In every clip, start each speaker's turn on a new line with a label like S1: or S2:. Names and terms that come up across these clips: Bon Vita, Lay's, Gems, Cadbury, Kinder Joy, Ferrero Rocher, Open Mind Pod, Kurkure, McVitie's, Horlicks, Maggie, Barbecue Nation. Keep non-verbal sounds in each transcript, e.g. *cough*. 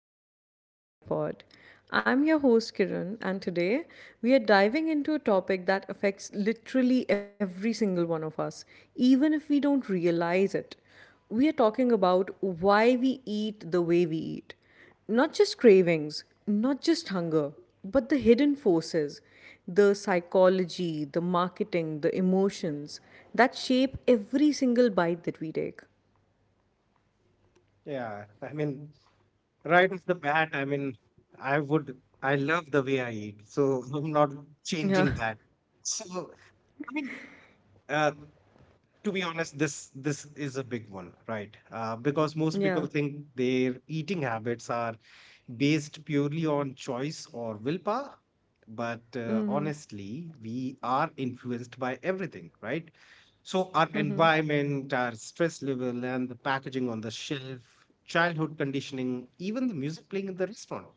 S1: back to the Open Mind Pod. I'm your host, Kiran, and today we are diving into a topic that affects literally every single one of us, even if we don't realize it. We are talking about why we eat the way we eat. Not just cravings, not just hunger, but the hidden forces, the psychology, the marketing, the emotions that shape every single bite that we take.
S2: Yeah, I mean, right off the bat, I mean, I love the way I eat, so *laughs* I'm not
S1: Yeah,
S2: changing that. So, I mean, uh, to be honest, this is a big one, right? Because most people
S1: yeah.
S2: think their eating habits are based purely on choice or willpower. But honestly, we are influenced by everything, right? So, our environment, our stress level, and the packaging on the shelf, childhood conditioning, even the music playing in the restaurant.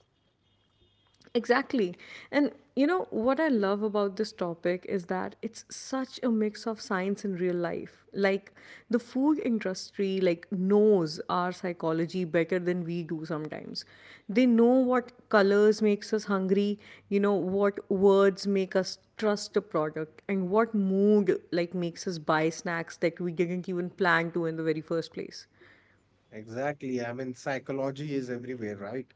S1: Exactly. And you know what I love about this topic is that it's such a mix of science and real life. Like the food industry like knows our psychology better than we do sometimes. They know what colors makes us hungry, you know what words make us trust a product and what mood like makes us buy snacks that we didn't even plan to in the very first place.
S2: Exactly. I mean, psychology is everywhere, right?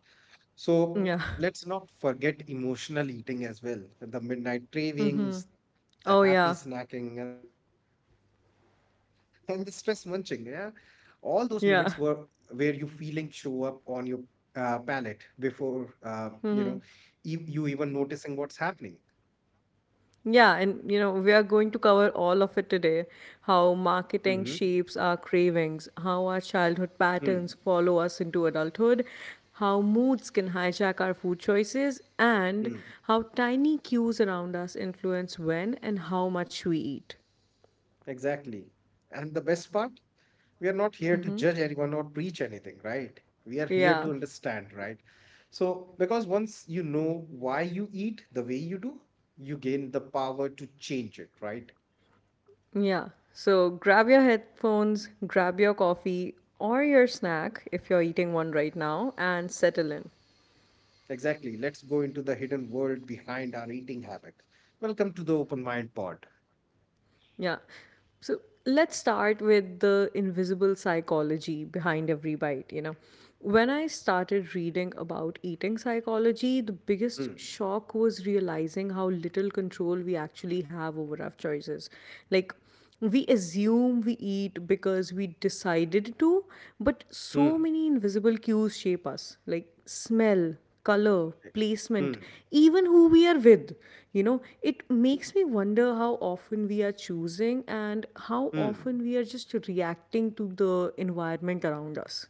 S2: So,
S1: Yeah. *laughs*
S2: let's not forget emotional eating as well, the midnight cravings, the happy
S1: Oh yeah.
S2: snacking, and the stress *laughs* and the stress munching, yeah, all those moments were where
S1: Yeah.
S2: you feeling show up on your palate before, you even noticing what's happening.
S1: Yeah, and you know, we are going to cover all of it today, how marketing
S2: Mm-hmm.
S1: shapes our cravings, how our childhood
S2: mm
S1: patterns follow us into adulthood, how moods can hijack our food choices, and
S2: mm
S1: how tiny cues around us influence when and how much we eat.
S2: exactly, and the best part, we are not here to judge anyone or preach anything, right? We are here
S1: Yeah,
S2: to understand, right? So because once you know why you eat the way you do, you gain the power to change it, right?
S1: yeah. So grab your headphones, grab your coffee or your snack if you're eating one right now, and settle in.
S2: Exactly. Let's go into the hidden world behind our eating habit. Welcome to the Open Mind Pod.
S1: Yeah. So let's start with the invisible psychology behind every bite, you know. When I started reading about eating psychology, the biggest
S2: Hmm.
S1: shock was realizing how little control we actually have over our choices. Like, we assume we eat because we decided to, but so
S2: Hmm.
S1: many invisible cues shape us, like smell, color, placement,
S2: Hmm.
S1: even who we are with. You know, it makes me wonder how often we are choosing and how
S2: Hmm.
S1: often we are just reacting to the environment around us.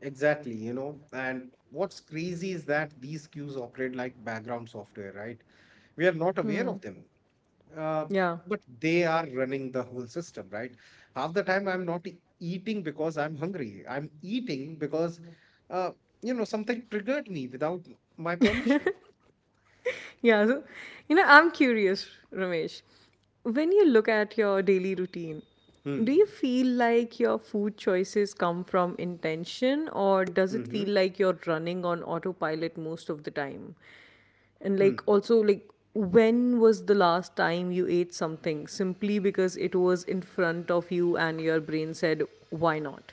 S2: Exactly, you know, and what's crazy is that these cues operate like background software, right? We are not aware of them, uh,
S1: Yeah.
S2: but they are running the whole system, right? Half the time, I'm not eating because I'm hungry. I'm eating because, uh, something triggered me without my permission.
S1: Yeah, so you know, I'm curious, Ramesh. When you look at your daily routine,
S2: Hmm.
S1: do you feel like your food choices come from intention, or does it
S2: Mm-hmm.
S1: feel like you're running on autopilot most of the time? And like also, like when was the last time you ate something simply because it was in front of you and your brain said, why not?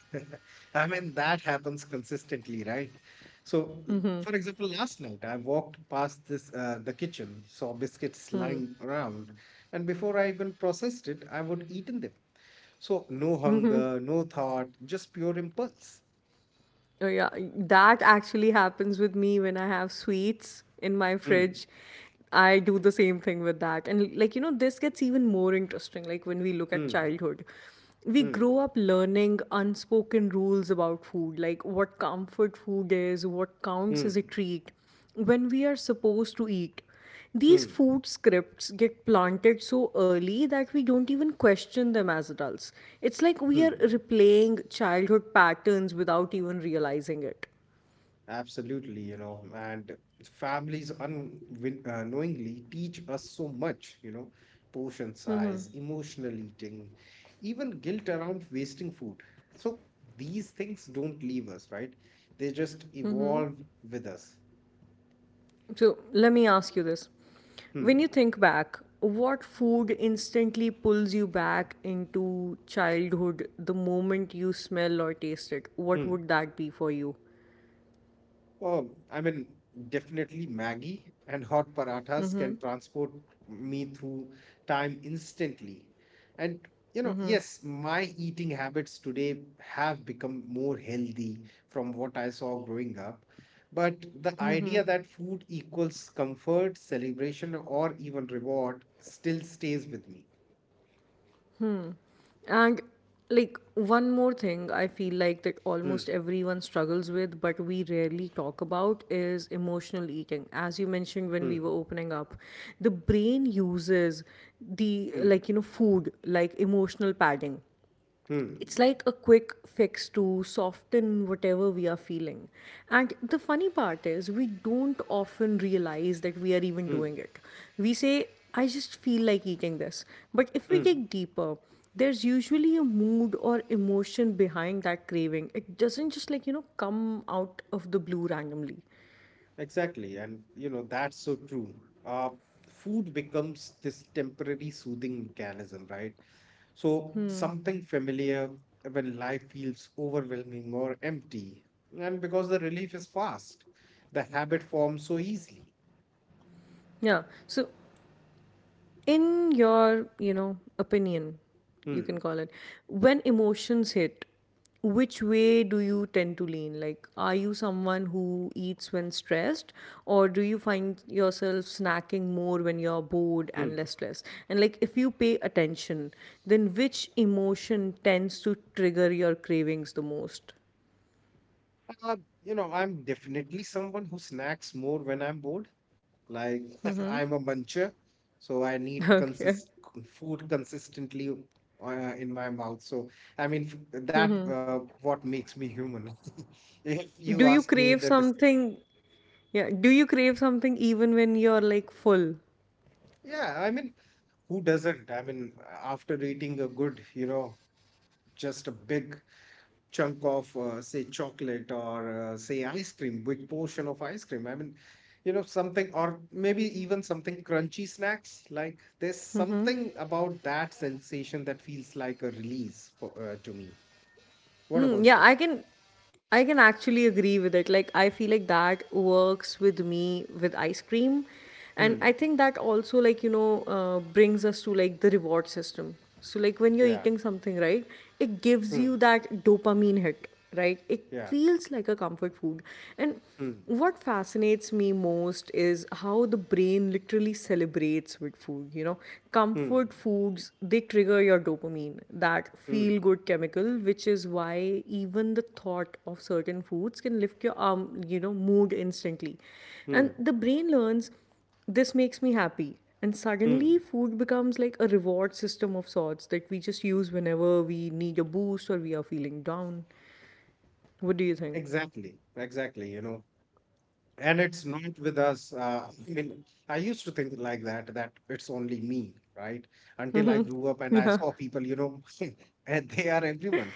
S2: *laughs* I mean, that happens consistently, right? So, for example, last night I walked past this the kitchen, saw biscuits lying around, and before I even processed it, I would eaten them. So, no hunger, no thought, just pure impulse.
S1: Oh yeah, that actually happens with me when I have sweets in my
S2: Hmm,
S1: fridge. I do the same thing with that. And like, you know, this gets even more interesting, like when we look at
S2: hmm,
S1: childhood. We
S2: hmm,
S1: grow up learning unspoken rules about food, like what comfort food is, what counts
S2: hmm,
S1: as a treat, when we are supposed to eat. These
S2: hmm,
S1: food scripts get planted so early that we don't even question them as adults. It's like we are
S2: hmm.
S1: replaying childhood patterns without even realizing it.
S2: Absolutely, and families unknowingly teach us so much, portion size, emotional eating, even guilt around wasting food. So these things don't leave us, right? They just evolve with us.
S1: So let me ask you this. When you
S2: Hmm.
S1: think back, what food instantly pulls you back into childhood the moment you smell or taste it? What
S2: Hmm.
S1: would that be for you?
S2: Oh, I mean, definitely Maggie and hot parathas can transport me through time instantly. And, yes, my eating habits today have become more healthy from what I saw growing up. But the idea that food equals comfort, celebration, or even reward still stays with me.
S1: And like one more thing I feel like that
S2: Hmm,
S1: almost everyone struggles with, but we rarely talk about, is emotional eating. As you mentioned when we
S2: hmm,
S1: were opening up, the brain uses the,
S2: hmm,
S1: like you know, food like emotional padding.
S2: hmm,
S1: It's like a quick fix to soften whatever we are feeling. And the funny part is, we don't often realize that we are even
S2: hmm,
S1: doing it. We say, I just feel like eating this. But if we
S2: hmm.
S1: dig deeper, there's usually a mood or emotion behind that craving. It doesn't just like, you know, come out of the blue randomly.
S2: Exactly. And, that's so true. Uh, Food becomes this temporary soothing mechanism, right? So
S1: Hmm.
S2: something familiar when life feels overwhelming or empty. And because the relief is fast, the habit forms so easily.
S1: Yeah. So in your, you know, opinion, you
S2: Hmm.
S1: can call it, when emotions hit, which way do you tend to lean? Like, are you someone who eats when stressed, or do you find yourself snacking more when you're bored and less
S2: Hmm.
S1: stressed? And like, if you pay attention, then which emotion tends to trigger your cravings the most?
S2: Uh, I'm definitely someone who snacks more when I'm bored. Like *laughs*
S1: Mm-hmm.
S2: I'm a muncher, so I
S1: *laughs*
S2: need
S1: Okay.
S2: consist food consistently in my mouth. So I mean that
S1: Mm-hmm.
S2: what makes me human. *laughs* If you
S1: Do
S2: ask
S1: you
S2: me, the
S1: crave
S2: dis
S1: something? Yeah, do you crave something even when you're like full?
S2: yeah, I mean, who doesn't? I mean, after eating a good, just a big chunk of say chocolate or say ice cream, big portion of ice cream, I mean, something or maybe even something crunchy snacks, like there's
S1: Mm-hmm.
S2: something about that sensation that feels like a release for to me. What
S1: Mm,
S2: about
S1: yeah,
S2: you?
S1: I can, I can actually agree with it. Like I feel like that works with me with ice cream. And I
S2: Hmm.
S1: think that also, like, you know, brings us to like the reward system. So like when you're
S2: Yeah.
S1: eating something, right? It gives
S2: Hmm.
S1: you that dopamine hit, right? It
S2: Yeah.
S1: feels like a comfort food. And
S2: Hmm.
S1: what fascinates me most is how the brain literally celebrates with food. You know,
S2: Hmm.
S1: comfort foods, they trigger your dopamine, that feel
S2: Hmm.
S1: good chemical, which is why even the thought of certain foods can lift your you know, mood instantly. And
S2: Hmm.
S1: the brain learns, this makes me happy. And
S2: Hmm.
S1: suddenly, food becomes like a reward system of sorts that we just use whenever we need a boost or we are feeling down. What do you think?
S2: Exactly, and it's not with us, I mean, I used to think like that, that it's only me, right? Until I
S1: *laughs*
S2: grew up and I
S1: Yeah,
S2: saw people, *laughs* and they are everyone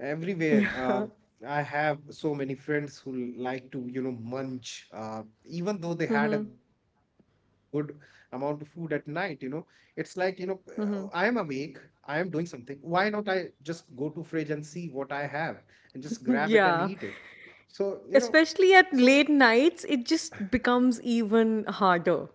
S2: everywhere.
S1: yeah.
S2: I have so many friends who like to munch, even though they had a
S1: Mhm,
S2: good amount of food at night, it's like, I am awake,
S1: mhm.
S2: I am doing something, why not? I just go to fridge and see what I have and just grab it
S1: *laughs*
S2: and eat
S1: Yeah.
S2: it. so you know
S1: Especially at
S2: so
S1: late nights, it just becomes even harder.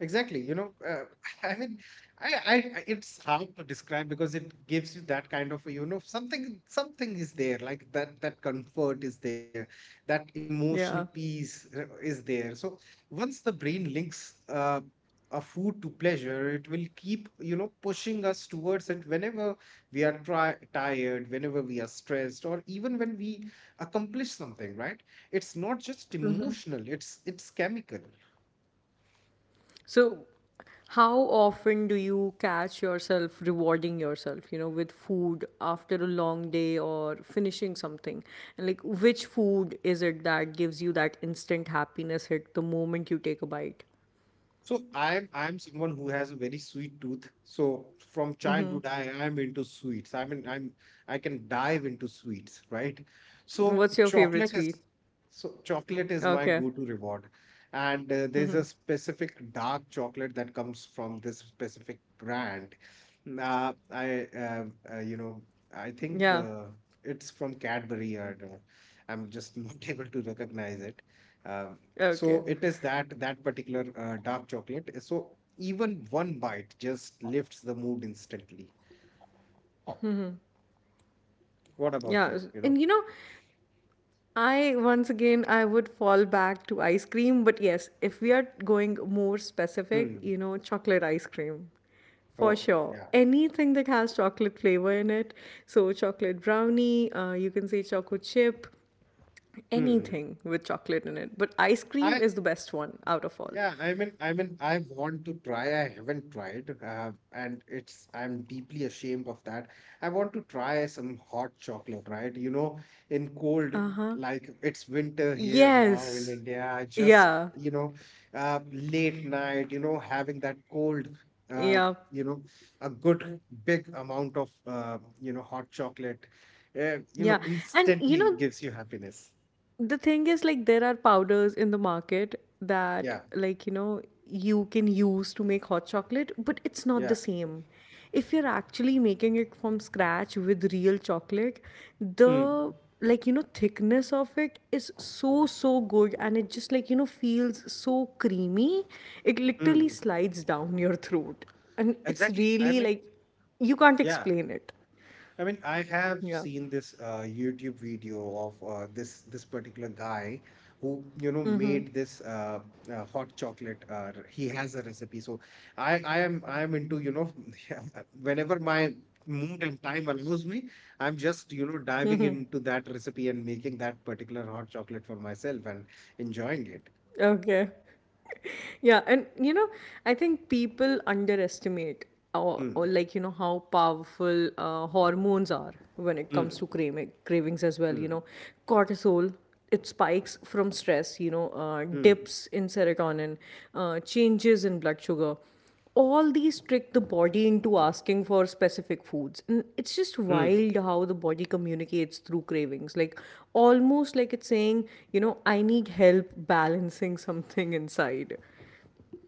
S2: exactly, *laughs* I mean, I, I, it's hard to describe because it gives you that kind of, something is there, like that, that comfort is there, that emotional
S1: Yeah.
S2: peace is there. So once the brain links a food to pleasure, it will keep, pushing us towards it whenever we are try tired, whenever we are stressed, or even when we accomplish something, right? It's not just emotional, it's chemical.
S1: So how often do you catch yourself rewarding yourself, you know, with food after a long day or finishing something? And like, which food is it that gives you that instant happiness hit the moment you take a bite?
S2: So I'm someone who has a very sweet tooth. So from childhood, I am into sweets. I mean, I can dive into sweets, right? So
S1: What's your favorite
S2: chocolate
S1: sweet?
S2: is so chocolate is my
S1: Okay.
S2: go-to reward, and there's a specific dark chocolate that comes from this specific brand. I uh, you know I think
S1: Yeah.
S2: it's from Cadbury, or I'm just not *laughs* able to recognize it. Um so
S1: Okay.
S2: it is that particular dark chocolate. So even one bite just lifts the mood instantly. What about
S1: Yeah.
S2: you? You know?
S1: And you know, I, once again, I would fall back to ice cream, but yes, if we are going more specific,
S2: Hmm.
S1: you know, chocolate ice cream. For
S2: Oh,
S1: sure.
S2: yeah.
S1: Anything that has chocolate flavor in it. So chocolate brownie, you can say choco chip,
S2: Hmm.
S1: anything with chocolate in it. But ice
S2: I
S1: cream is the best one out of all.
S2: Yeah, I mean, I want to try. I haven't tried, and it's I'm deeply ashamed of that. I want to try some hot chocolate, right? In cold,
S1: Uh-huh.
S2: like it's winter here now in
S1: Yes.
S2: India. I just,
S1: Yeah.
S2: late night, having that cold, uh,
S1: Yeah.
S2: you know, a good big amount of, hot chocolate,
S1: Yeah. And you
S2: instantly
S1: know,
S2: gives you happiness.
S1: the thing is, like, there are powders in the market that,
S2: Yeah,
S1: like you know, you can use to make hot chocolate, but it's not the
S2: yeah.
S1: same if you're actually making it from scratch with real chocolate.
S2: Hmm.
S1: The, like you know, thickness of it is so, so good, and it just, like you know, feels so creamy. It literally
S2: Hmm.
S1: slides down your throat, and it's
S2: Exactly. I
S1: really
S2: mean.
S1: like, you can't
S2: Yeah,
S1: explain it.
S2: I mean, I have
S1: Yeah.
S2: seen this YouTube video of this particular guy who
S1: Mm-hmm.
S2: made this hot chocolate. He has a recipe, so I am into *laughs* whenever my mood and time allows me, I'm just diving
S1: Mm-hmm.
S2: into that recipe and making that particular hot chocolate for myself and enjoying it.
S1: Okay. *laughs* Yeah, and you know, I think people underestimate, or
S2: Hmm.
S1: like, you know, how powerful hormones are when it comes
S2: Hmm.
S1: to cravings as well, you
S2: Hmm.
S1: know. Cortisol, it spikes from stress, you know,
S2: Hmm.
S1: dips in serotonin, changes in blood sugar, all these trick the body into asking for specific foods. And it's just
S2: Hmm.
S1: wild how the body communicates through cravings, like almost like it's saying, you know, I need help balancing *laughs* something inside.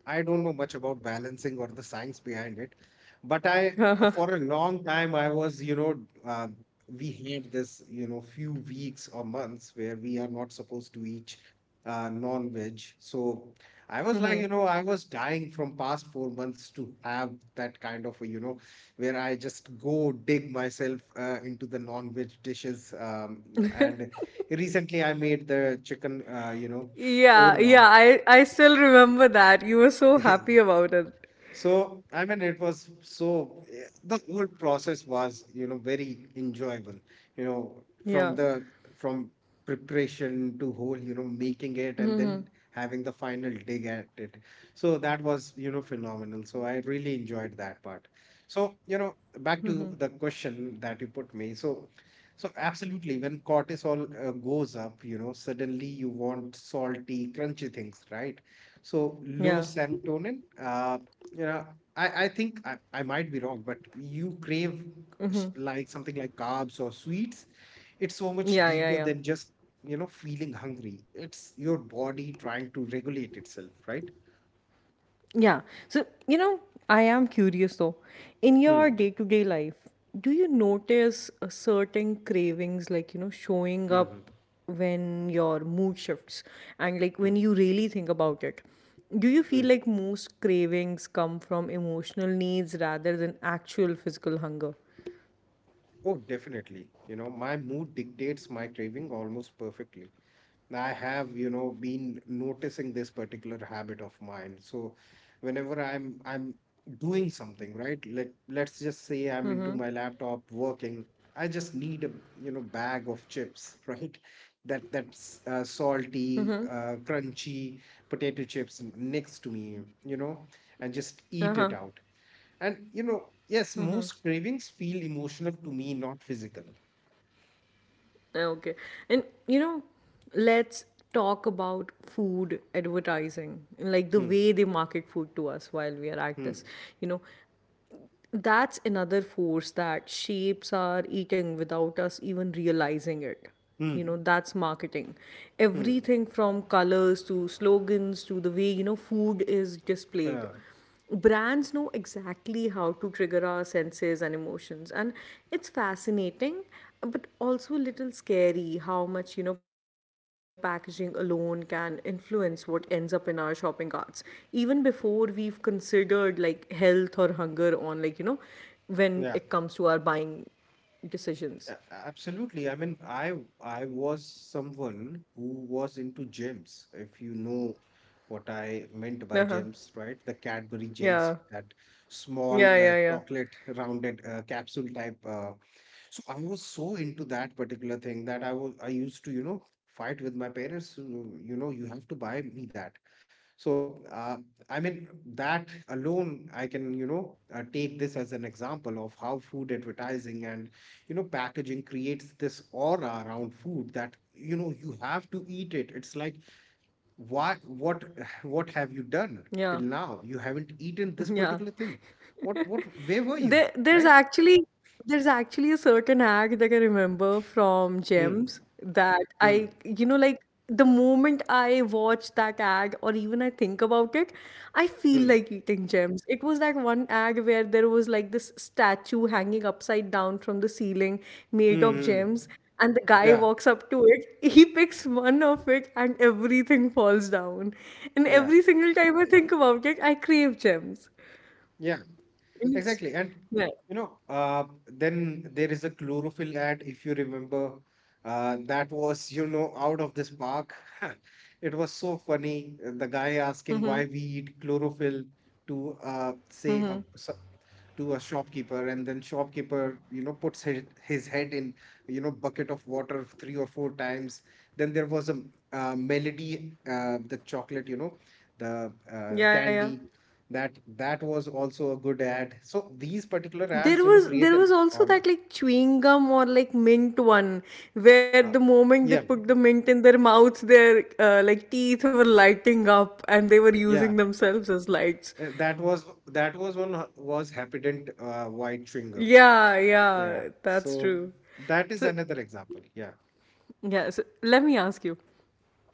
S2: I don't know much about balancing or the science behind it, but for a
S1: *laughs*
S2: long time, I was, you know, uh, we had this, few weeks or months where we are not supposed to eat non-veg. So I was like, I was dying from past 4 months to have that kind of, a, where I just go dig myself into the non-veg dishes. And recently I made the chicken,
S1: Yeah,
S2: korma.
S1: yeah, I still remember that. You were so happy
S2: *laughs*
S1: about it.
S2: So, I mean, it was the whole process was, very enjoyable, you know, from
S1: Yeah.
S2: the from preparation to whole, making it and then having the final dig at it. So that was, phenomenal. So I really enjoyed that part. So, back to the question that you put me. So, absolutely, when cortisol goes up, suddenly you want salty, crunchy things, right? So low
S1: Yeah.
S2: serotonin, you know I think, I might be wrong, but you crave
S1: Hmm.
S2: like something like carbs or sweets. It's so much
S1: Yeah, yeah,
S2: deeper
S1: yeah.
S2: than just feeling hungry. It's your body trying to regulate itself, right?
S1: Yeah. So, you know, I am curious though. In your
S2: Hmm.
S1: day-to-day life, do you notice a certain cravings, like, you know, showing
S2: Hmm.
S1: up when your mood shifts, and like when
S2: Hmm.
S1: you really think about it? Do you feel
S2: Hmm.
S1: like most cravings come from emotional needs rather than actual physical hunger?
S2: Oh, definitely. My mood dictates my craving almost perfectly. I have, been noticing this particular habit of mine. So whenever I'm doing something, right? Let's just say I'm into my laptop working. I just need a, bag of chips, *laughs* right? That's
S1: Mm-hmm.
S2: salty, crunchy potato chips next to me, and just
S1: Uh-huh.
S2: eat it out. And yes, most cravings feel emotional to me, not physical.
S1: Ah, okay. And you know, let's talk about food advertising, like the
S2: Hmm.
S1: way they market food to us while we are at this.
S2: Hmm.
S1: You know, that's another force that shapes our eating without us even realizing it. You
S2: Hmm.
S1: know, that's marketing.
S2: Hmm.
S1: Everything from colors to slogans to the way, you know, food is displayed.
S2: Uh,
S1: Brands know exactly how to trigger our senses and emotions. And it's fascinating, but also a little scary how much, you know, packaging alone can influence what ends up in our shopping carts. Even before we've considered like health or hunger, on like, you know, when it comes to
S2: yeah.
S1: our buying decisions.
S2: Absolutely. I mean, I was someone who was into gems, if you know what I meant by
S1: Uh-huh.
S2: gems, right? The Cadbury gems,
S1: Yeah.
S2: that small
S1: Yeah, yeah, yeah.
S2: chocolate rounded capsule type. So
S1: Yeah.
S2: I was so into that particular thing that I used to, fight with my parents. "You have to buy me that. So, I mean, that alone, I can, take this as an example of how food advertising and packaging creates this aura around food that you have to eat it, it's like, why? What have you done
S1: Yeah.
S2: till now, you haven't
S1: *laughs*
S2: eaten this
S1: Yeah.
S2: particular thing? What Where were
S1: There,
S2: you,
S1: there's
S2: right?
S1: actually, there's actually a certain act that I remember from
S2: Hmm,
S1: Gems that I,
S2: hmm,
S1: you know, like, the moment I watch that ad or even I think about it, I feel
S2: hmm,
S1: like eating Gems. It was that one ad where there was like this statue hanging upside down from the ceiling made
S2: hmm,
S1: of
S2: hmm.
S1: gems, and the guy
S2: Yeah,
S1: walks up to it, he picks one of it, and everything falls down. And
S2: yeah,
S1: every single time I think about it, I crave gems.
S2: yeah.
S1: And
S2: Exactly. And
S1: yeah.
S2: then there is a chlorophyll ad, if you remember, that was, out of this park. *laughs* It was so funny. The guy asking
S1: Mm-hmm.
S2: why we eat chlorophyll to
S1: Mm-hmm.
S2: to a shopkeeper, and then shopkeeper, puts his head in, bucket of water three or four times. Then there was a melody, the chocolate, the
S1: Yeah, yeah.
S2: candy that was also a good ad. So these particular ads
S1: There was,
S2: create
S1: there
S2: an
S1: was also
S2: aura.
S1: that like chewing gum or like mint one where the
S2: uh,
S1: moment they
S2: yeah,
S1: put the mint in their mouths, their like teeth were lighting up and they were
S2: yeah.
S1: using themselves as lights.
S2: Uh, that was that was happident white chewing gum,
S1: Yeah, yeah,
S2: yeah.
S1: that's
S2: So
S1: true.
S2: that is
S1: So,
S2: another example. Yeah.
S1: yeah, so let me ask you,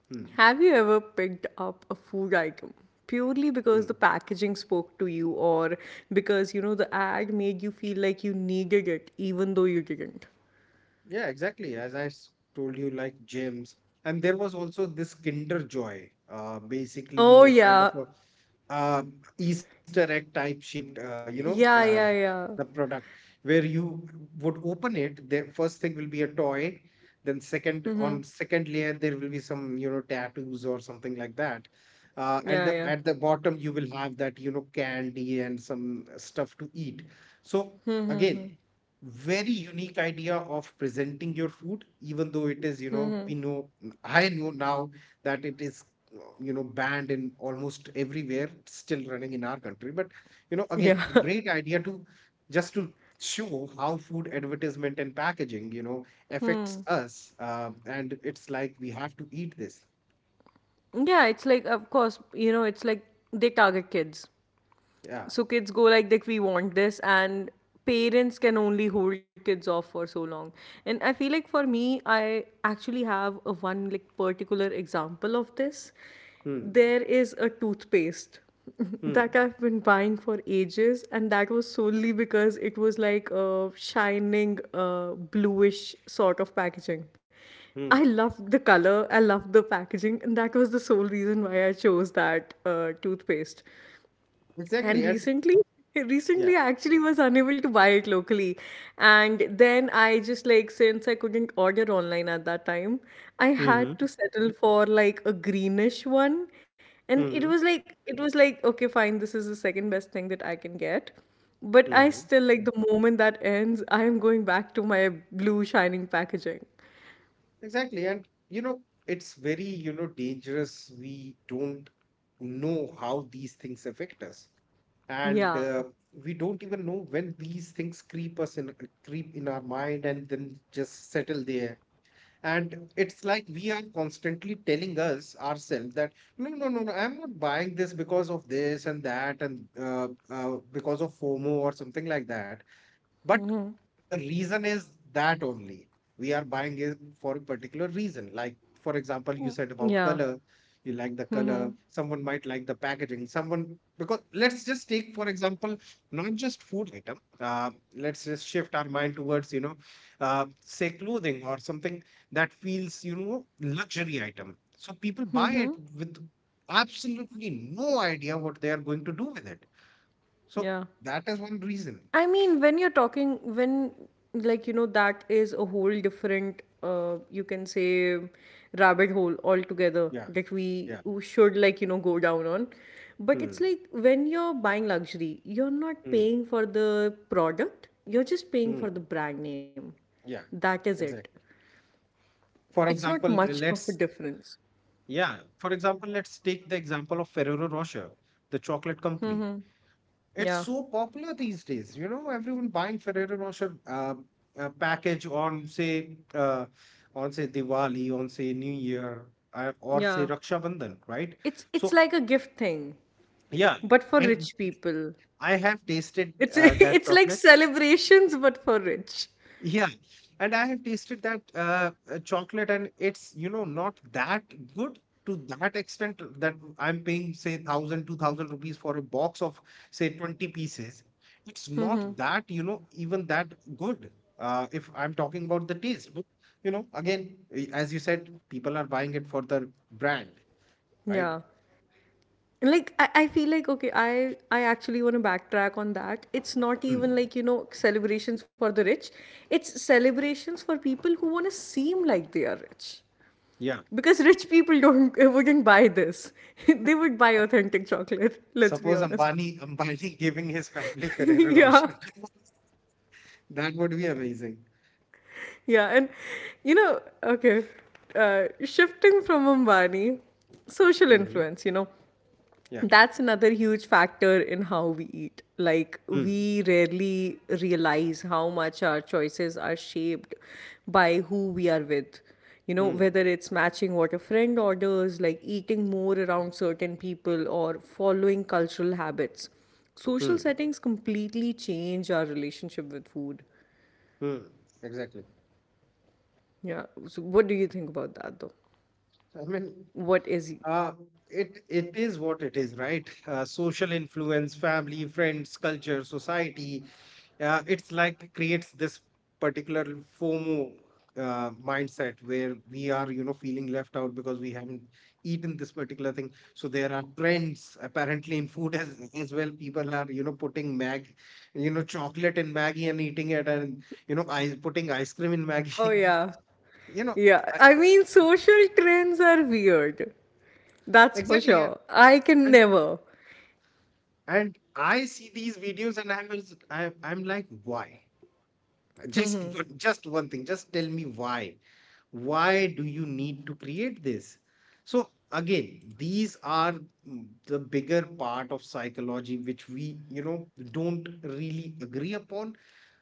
S2: Hmm.
S1: have you ever picked up a food item purely because the
S2: Hmm.
S1: packaging spoke to you, or because you know the ad made you feel like you needed it even though you didn't?
S2: Yeah, exactly. As I told you, like gyms. And there was also this Kinder Joy,
S1: Oh
S2: basically a kind of
S1: yeah.
S2: a Easter egg type shaped,
S1: Yeah, yeah, yeah.
S2: the product where you would open it. The first thing will be a toy. Then second on second layer there will be some tattoos or something like that, and
S1: Yeah,
S2: the
S1: yeah.
S2: at the bottom you will have that candy and some stuff to eat. So
S1: Mm-hmm.
S2: again, very unique idea of presenting your food, even though it is, you know we know I know now that it is, banned in almost everywhere, still running in our country, but
S1: Yeah.
S2: again a
S1: *laughs*
S2: great idea to, just to show how food advertisement and packaging affects
S1: Hmm.
S2: us, and it's like we have to eat this.
S1: Yeah, it's like, of course, you know, it's like they target kids.
S2: Yeah.
S1: So kids go like that, we want this, and parents can only hold kids off for so long. And I feel like, for me, I actually have a one like particular example of this.
S2: Hmm.
S1: There is a toothpaste *laughs* that
S2: Hmm.
S1: I've been buying for ages, and that was solely because it was like a shining bluish sort of packaging.
S2: Hmm.
S1: I loved the color, I loved the packaging, and that was the sole reason why I chose that toothpaste.
S2: Exactly.
S1: And
S2: And
S1: recently, *laughs*
S2: yeah.
S1: Recently I actually was unable to buy it locally. And then I just like, since I couldn't order online at that time, I
S2: Hmm.
S1: had to settle for like a greenish one. And it
S2: Hmm.
S1: was like, it was like, okay, fine, this is the second best thing that I can get. But I still like, the moment that ends, I am going back to my blue shining packaging.
S2: Exactly. And, it's very, dangerous. We don't know how these things affect us. And
S1: Yeah.
S2: we don't even know when these things creep in our mind and then just settle there, and it's like we are constantly telling us ourselves that no, no, no, no, I'm not buying this because of this and that, and because of FOMO or something like that, but
S1: Hmm.
S2: the reason is that only we are buying it for a particular reason, like for example, you said about
S1: Yeah.
S2: color. You like the color,
S1: Hmm.
S2: someone might like the packaging, someone, because let's just take for example, not just food item, let's just shift our mind towards, say clothing or something that feels, luxury item. So people buy
S1: Hmm.
S2: it with absolutely no idea what they are going to do with it. So
S1: Yeah.
S2: that is one reason.
S1: I mean, when you're talking, when like you know, that is a whole different, you can say, rabbit hole altogether
S2: Yeah,
S1: that we
S2: yeah.
S1: should like you know go down on. But it's
S2: Hmm.
S1: like, when you're buying luxury, you're not
S2: Hmm.
S1: paying for the product, you're just paying
S2: Hmm.
S1: for the brand name.
S2: Yeah,
S1: That is it.
S2: exactly.
S1: It's
S2: For
S1: not
S2: example,
S1: much of a
S2: let's
S1: difference.
S2: yeah. For example, let's take the example of Ferrero Rocher, the chocolate
S1: Mm-hmm.
S2: company.
S1: Yeah,
S2: It's so popular these days, everyone buying Ferrero Rocher package on, say on say Diwali, on say New Year, or
S1: yeah.
S2: say Raksha Bandhan, right?
S1: It's
S2: So
S1: like a gift thing,
S2: yeah,
S1: but for
S2: and
S1: rich people.
S2: I have tasted
S1: It's *laughs*
S2: that
S1: it's like
S2: chocolate.
S1: celebrations but for rich.
S2: Yeah, and I have tasted that chocolate, and it's, not that good to that extent that I'm paying say 1,000, 2,000 rupees for a box of say 20 pieces. It's not
S1: Mm-hmm.
S2: that, even that good. If I'm talking about the taste, but again, as you said, people are buying it for the brand, right?
S1: Yeah. And like, I feel like, okay, I actually want to backtrack on that. It's not
S2: Hmm.
S1: even like, you know, celebrations for the rich. It's celebrations for people who want to seem like they are rich.
S2: Yeah.
S1: Because rich people don't *laughs* wouldn't buy this. *laughs* They would buy authentic chocolate, *laughs* let's be
S2: Suppose
S1: honest.
S2: Ambani, *laughs* giving his family
S1: *laughs*
S2: Ferrero
S1: Yeah.
S2: Rocher, *laughs* that would be amazing.
S1: Yeah, and you know, okay. Shifting from Ambani, social
S2: Hmm.
S1: influence, you know.
S2: Yeah.
S1: That's another huge factor in how we eat. Like,
S2: Hmm.
S1: we rarely realize how much our choices are shaped by who we are with. You know,
S2: Hmm.
S1: whether it's matching what a friend orders, like eating more around certain people, or following cultural habits. Social
S2: Hmm.
S1: settings completely change our relationship with food.
S2: Hmm. Exactly.
S1: Yeah. So, what do you think about that, though?
S2: So, I mean,
S1: What is.
S2: uh, it is what it is, right? Social influence, family, friends, culture, society. It's like creates this particular FOMO mindset where we are, feeling left out because we haven't eaten this particular thing. So there are trends apparently in food as well. People are, putting chocolate in Maggie and eating it, and you know, ice putting ice cream in
S1: Oh,
S2: Maggie.
S1: yeah.
S2: *laughs* You know
S1: Yeah.
S2: I,
S1: I mean, social trends are weird. That's for
S2: exactly,
S1: sure. I can
S2: and
S1: never.
S2: and I see these videos and I'm like, why, just *laughs*
S1: Mhm.
S2: just one thing, just tell me why do you need to create this? So again, these are, the bigger part of psychology which we don't really agree upon.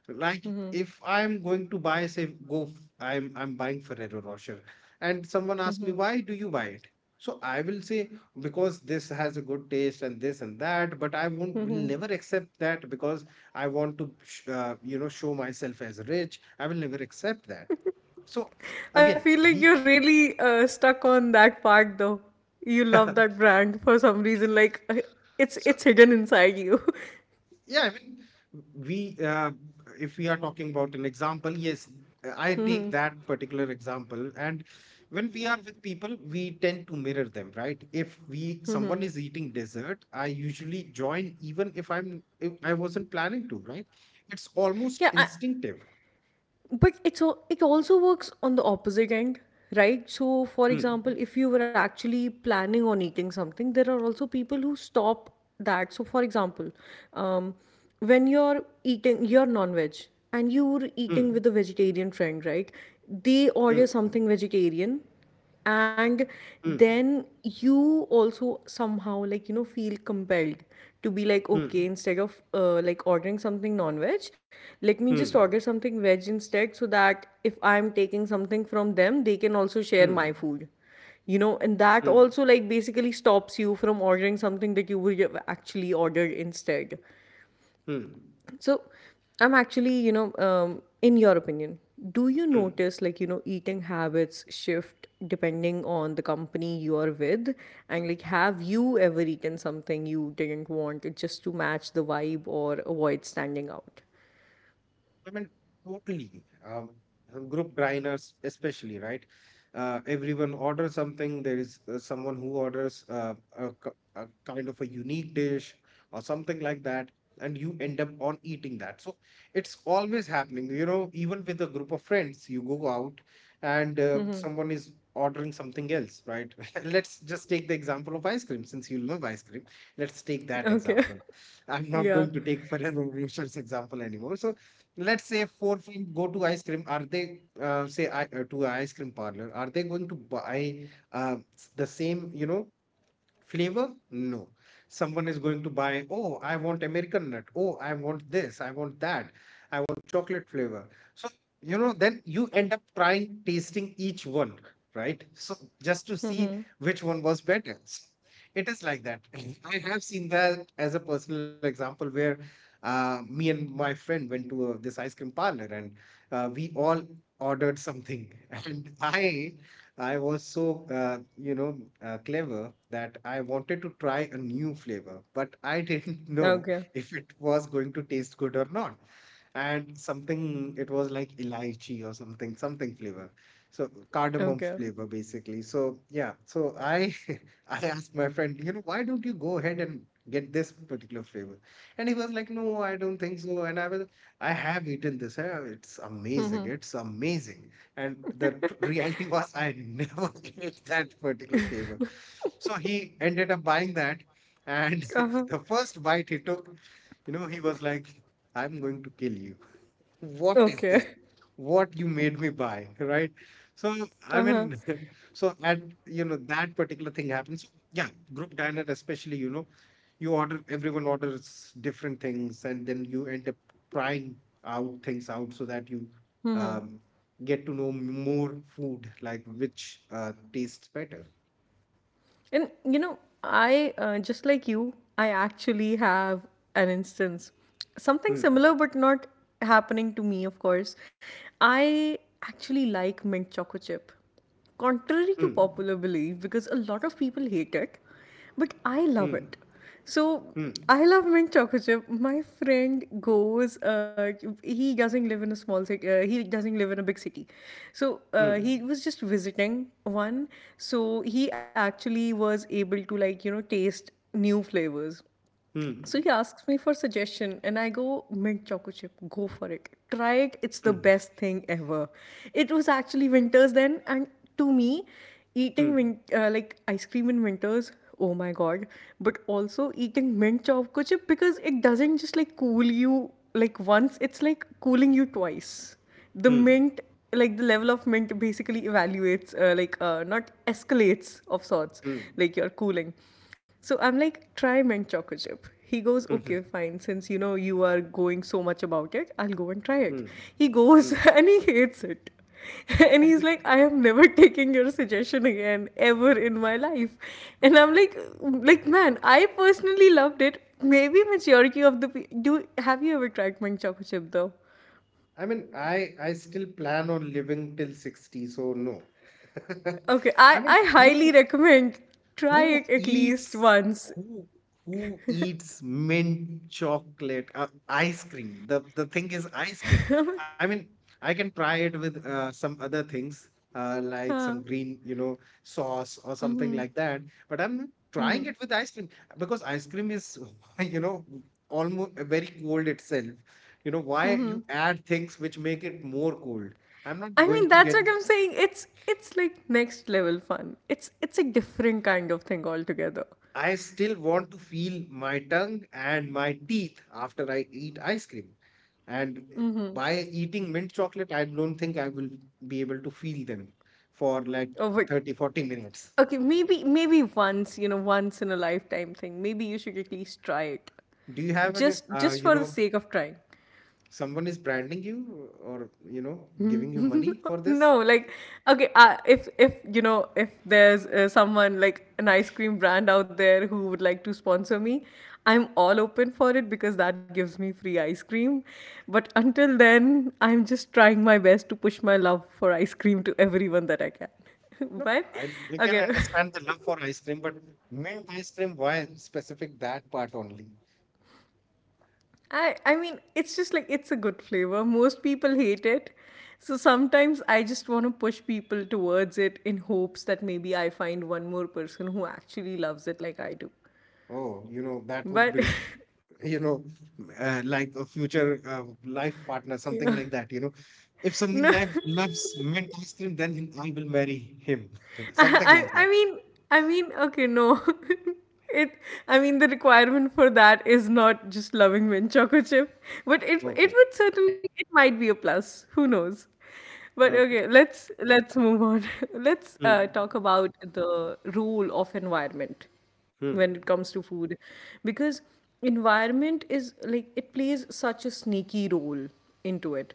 S2: Like,
S1: Mhm.
S2: if I'm going to buy, I'm, buying Ferrero Rocher, and someone asks me why do you buy it, so I will say because this has a good taste and this and that, but I won't will
S1: Mhm.
S2: never accept that because I want to show myself as rich. I will never accept that. So
S1: I
S2: again,
S1: feel like
S2: we
S1: you're really stuck on that fact, though. You love
S2: *laughs*
S1: that brand for some reason. Like, it's
S2: so.
S1: it's hidden inside you. *laughs*
S2: Yeah, I mean, we, uh, if we are talking about an example, yes, I take
S1: Mhm.
S2: that particular example. And when we are with people, we tend to mirror them, right? If we, Someone is eating dessert, I usually join even if, if I wasn't planning to, right? It's almost
S1: Yeah,
S2: instinctive.
S1: but it's all, it also works on the opposite end. Right, so for
S2: Hmm,
S1: example, if you were actually planning on eating something, there are also people who stop that. So for example, um, when you're eating, you're non-veg, and you're
S2: hmm,
S1: eating with a vegetarian friend, right, they order
S2: hmm,
S1: something vegetarian, and
S2: hmm,
S1: then you also somehow like, you know, feel compelled to be like,
S2: hmm,
S1: okay, instead of like ordering something non-veg, let me just
S2: hmm,
S1: order something veg instead, so that if I'm taking something from them, they can also share
S2: hmm,
S1: my food, you know, and that
S2: hmm,
S1: also like basically stops you from ordering something that you would have actually ordered instead.
S2: hmm,
S1: So, I'm actually, you know, in your opinion, do you
S2: hmm.
S1: notice like, you know, eating habits shift depending on the company you are with? And like, have you ever eaten something you didn't want just to match the vibe or avoid standing out?
S2: I mean, totally. Group diners, especially, right? Everyone orders something. There is someone who orders a kind of a unique dish or something like that, and you end up on eating that. So it's always happening. You know, even with a group of friends, you go out and someone is ordering something else, right? *laughs* Let's just take the example of ice cream, since you love ice cream. Let's take that
S1: Okay.
S2: example.
S1: *laughs*
S2: I'm
S1: Yeah.
S2: not going to take Ferrero Rocher's example anymore. So let's say four friends go to ice cream, are they, to a ice cream parlor, are they going to buy the same, flavor? No. Someone is going to buy, oh, I want American nut. Oh, I want this. I want that. I want chocolate flavor. So, then you end up trying tasting each one, right? So, just to
S1: Mm-hmm.
S2: see which one was better. It is like that. *laughs* I have seen that as a personal example where me and my friend went to this ice cream parlor, and we all ordered something. *laughs* And I was so, clever that I wanted to try a new flavor, but I didn't *laughs* know
S1: Okay.
S2: if it was going to taste good or not. And something, it was like elaichi or something, something flavor. So cardamom
S1: Okay.
S2: flavor, basically. So yeah, so I *laughs* I asked my friend, why don't you go ahead and get this particular flavor? And he was like, no, I don't think so. And, I have eaten this. It's amazing. It's amazing. And the reality was, I never *laughs* gave that particular paper. So he ended up buying that. And
S1: Uh-huh.
S2: *laughs* the first bite he took, he was like, I'm going to kill you. What is this?
S1: Okay.
S2: What you made me buy, right? So I
S1: *laughs* Uh-huh.
S2: mean, *laughs* so at, that particular thing happens. So, yeah, group diner especially, you order everyone orders different things, and then you end up trying out things out so that you, um, get to know more food, like which tastes better.
S1: And you know, I just like you, I actually have an instance. Something
S2: Hmm.
S1: similar, but not happening to me, of course. I actually like mint chocolate chip, contrary to
S2: Hmm.
S1: popular belief, because a lot of people hate it, but I love
S2: Hmm.
S1: it. So
S2: Hmm.
S1: I love mint chocolate chip. My friend goes. He doesn't live in a small city. He doesn't live in a big city. So he
S2: Hmm.
S1: was just visiting one. So he actually was able to like you know taste new flavors. So
S2: Hmm.
S1: he asks me for suggestion and I go, mint choco chip, go for it. Try it, it's the
S2: Hmm.
S1: best thing ever. It was actually winters then, and to me, eating
S2: Hmm.
S1: like ice cream in winters, oh my god, but also eating mint choco chip, because it doesn't just like cool you like once, it's like cooling you twice, the
S2: Hmm.
S1: mint, like the level of mint basically evaluates, like, not, escalates of sorts,
S2: Hmm.
S1: like, your cooling. So I'm like, try mint choco chip. He goes, okay
S2: Hmm.
S1: fine, since you know you are going so much about it, I'll go and try it.
S2: Hmm.
S1: He goes
S2: Hmm.
S1: *laughs* and he hates it. *laughs* And he's like, I am never *laughs* taking your suggestion again ever in my life. And I'm like man, I personally loved it. Maybe maturity of the pe- do have you ever tried mint choco chip, though?
S2: I mean, I still plan on living till 60, so no. *laughs*
S1: Okay,
S2: I
S1: I
S2: mean,
S1: highly recommend, try
S2: who
S1: it at
S2: eats
S1: least once.
S2: who who eats mint chocolate ice cream? The thing is ice cream.
S1: *laughs* Yeah.
S2: I mean, I can try it with some other things like some green, sauce or something
S1: Mm-hmm.
S2: like that. But I'm not trying
S1: Mm-hmm.
S2: it with ice cream because ice cream is, *laughs* you know, almost very cold itself. You know, why
S1: Mm-hmm.
S2: you add things which make it more cold? I'm not
S1: I mean,
S2: going to
S1: that's
S2: get.
S1: what I'm saying. It's like next level fun. It's a different kind of thing altogether.
S2: I still want to feel my tongue and my teeth after I eat ice cream. And
S1: Mm-hmm.
S2: by eating mint chocolate, I don't think I will be able to feel them for like
S1: Oh, but
S2: 30, 40 minutes.
S1: okay, maybe once you know, once in a lifetime thing. Maybe you should at least try it,
S2: Do you have any,
S1: just just for the sake of trying.
S2: someone is branding you, or, giving you money for
S1: No,
S2: this?
S1: like, okay, if you know, if there's someone like an ice cream brand out there who would like to sponsor me, I'm all open for it because that gives me free ice cream. But until then I'm just trying my best to push my love for ice cream to everyone that I can. *laughs*
S2: No,
S1: But
S2: I, you can
S1: okay,
S2: understand the love for ice cream, but mint ice cream, why specific that part only?
S1: I mean, it's just like, it's a good flavor. Most people hate it. So sometimes I just want to push people towards it in hopes that maybe I find one more person who actually loves it like I do.
S2: Oh, you know, that would
S1: But
S2: be, you know, like a future life partner,
S1: *laughs* yeah.
S2: something like that. You know, if someone,
S1: No.
S2: like, loves mint ice cream, then, I will marry him, *laughs*
S1: I,
S2: something like
S1: I I
S2: that.
S1: mean I mean okay, no, *laughs* it I mean, the requirement for that is not just loving mint chocolate chip, but it
S2: Okay.
S1: it would certainly, it might be a plus, who knows. But
S2: Okay.
S1: okay, let's move on. *laughs* Let's
S2: Hmm.
S1: talk about the role of environment when it
S2: Hmm.
S1: comes to food, because environment is like, it plays such a sneaky role into it.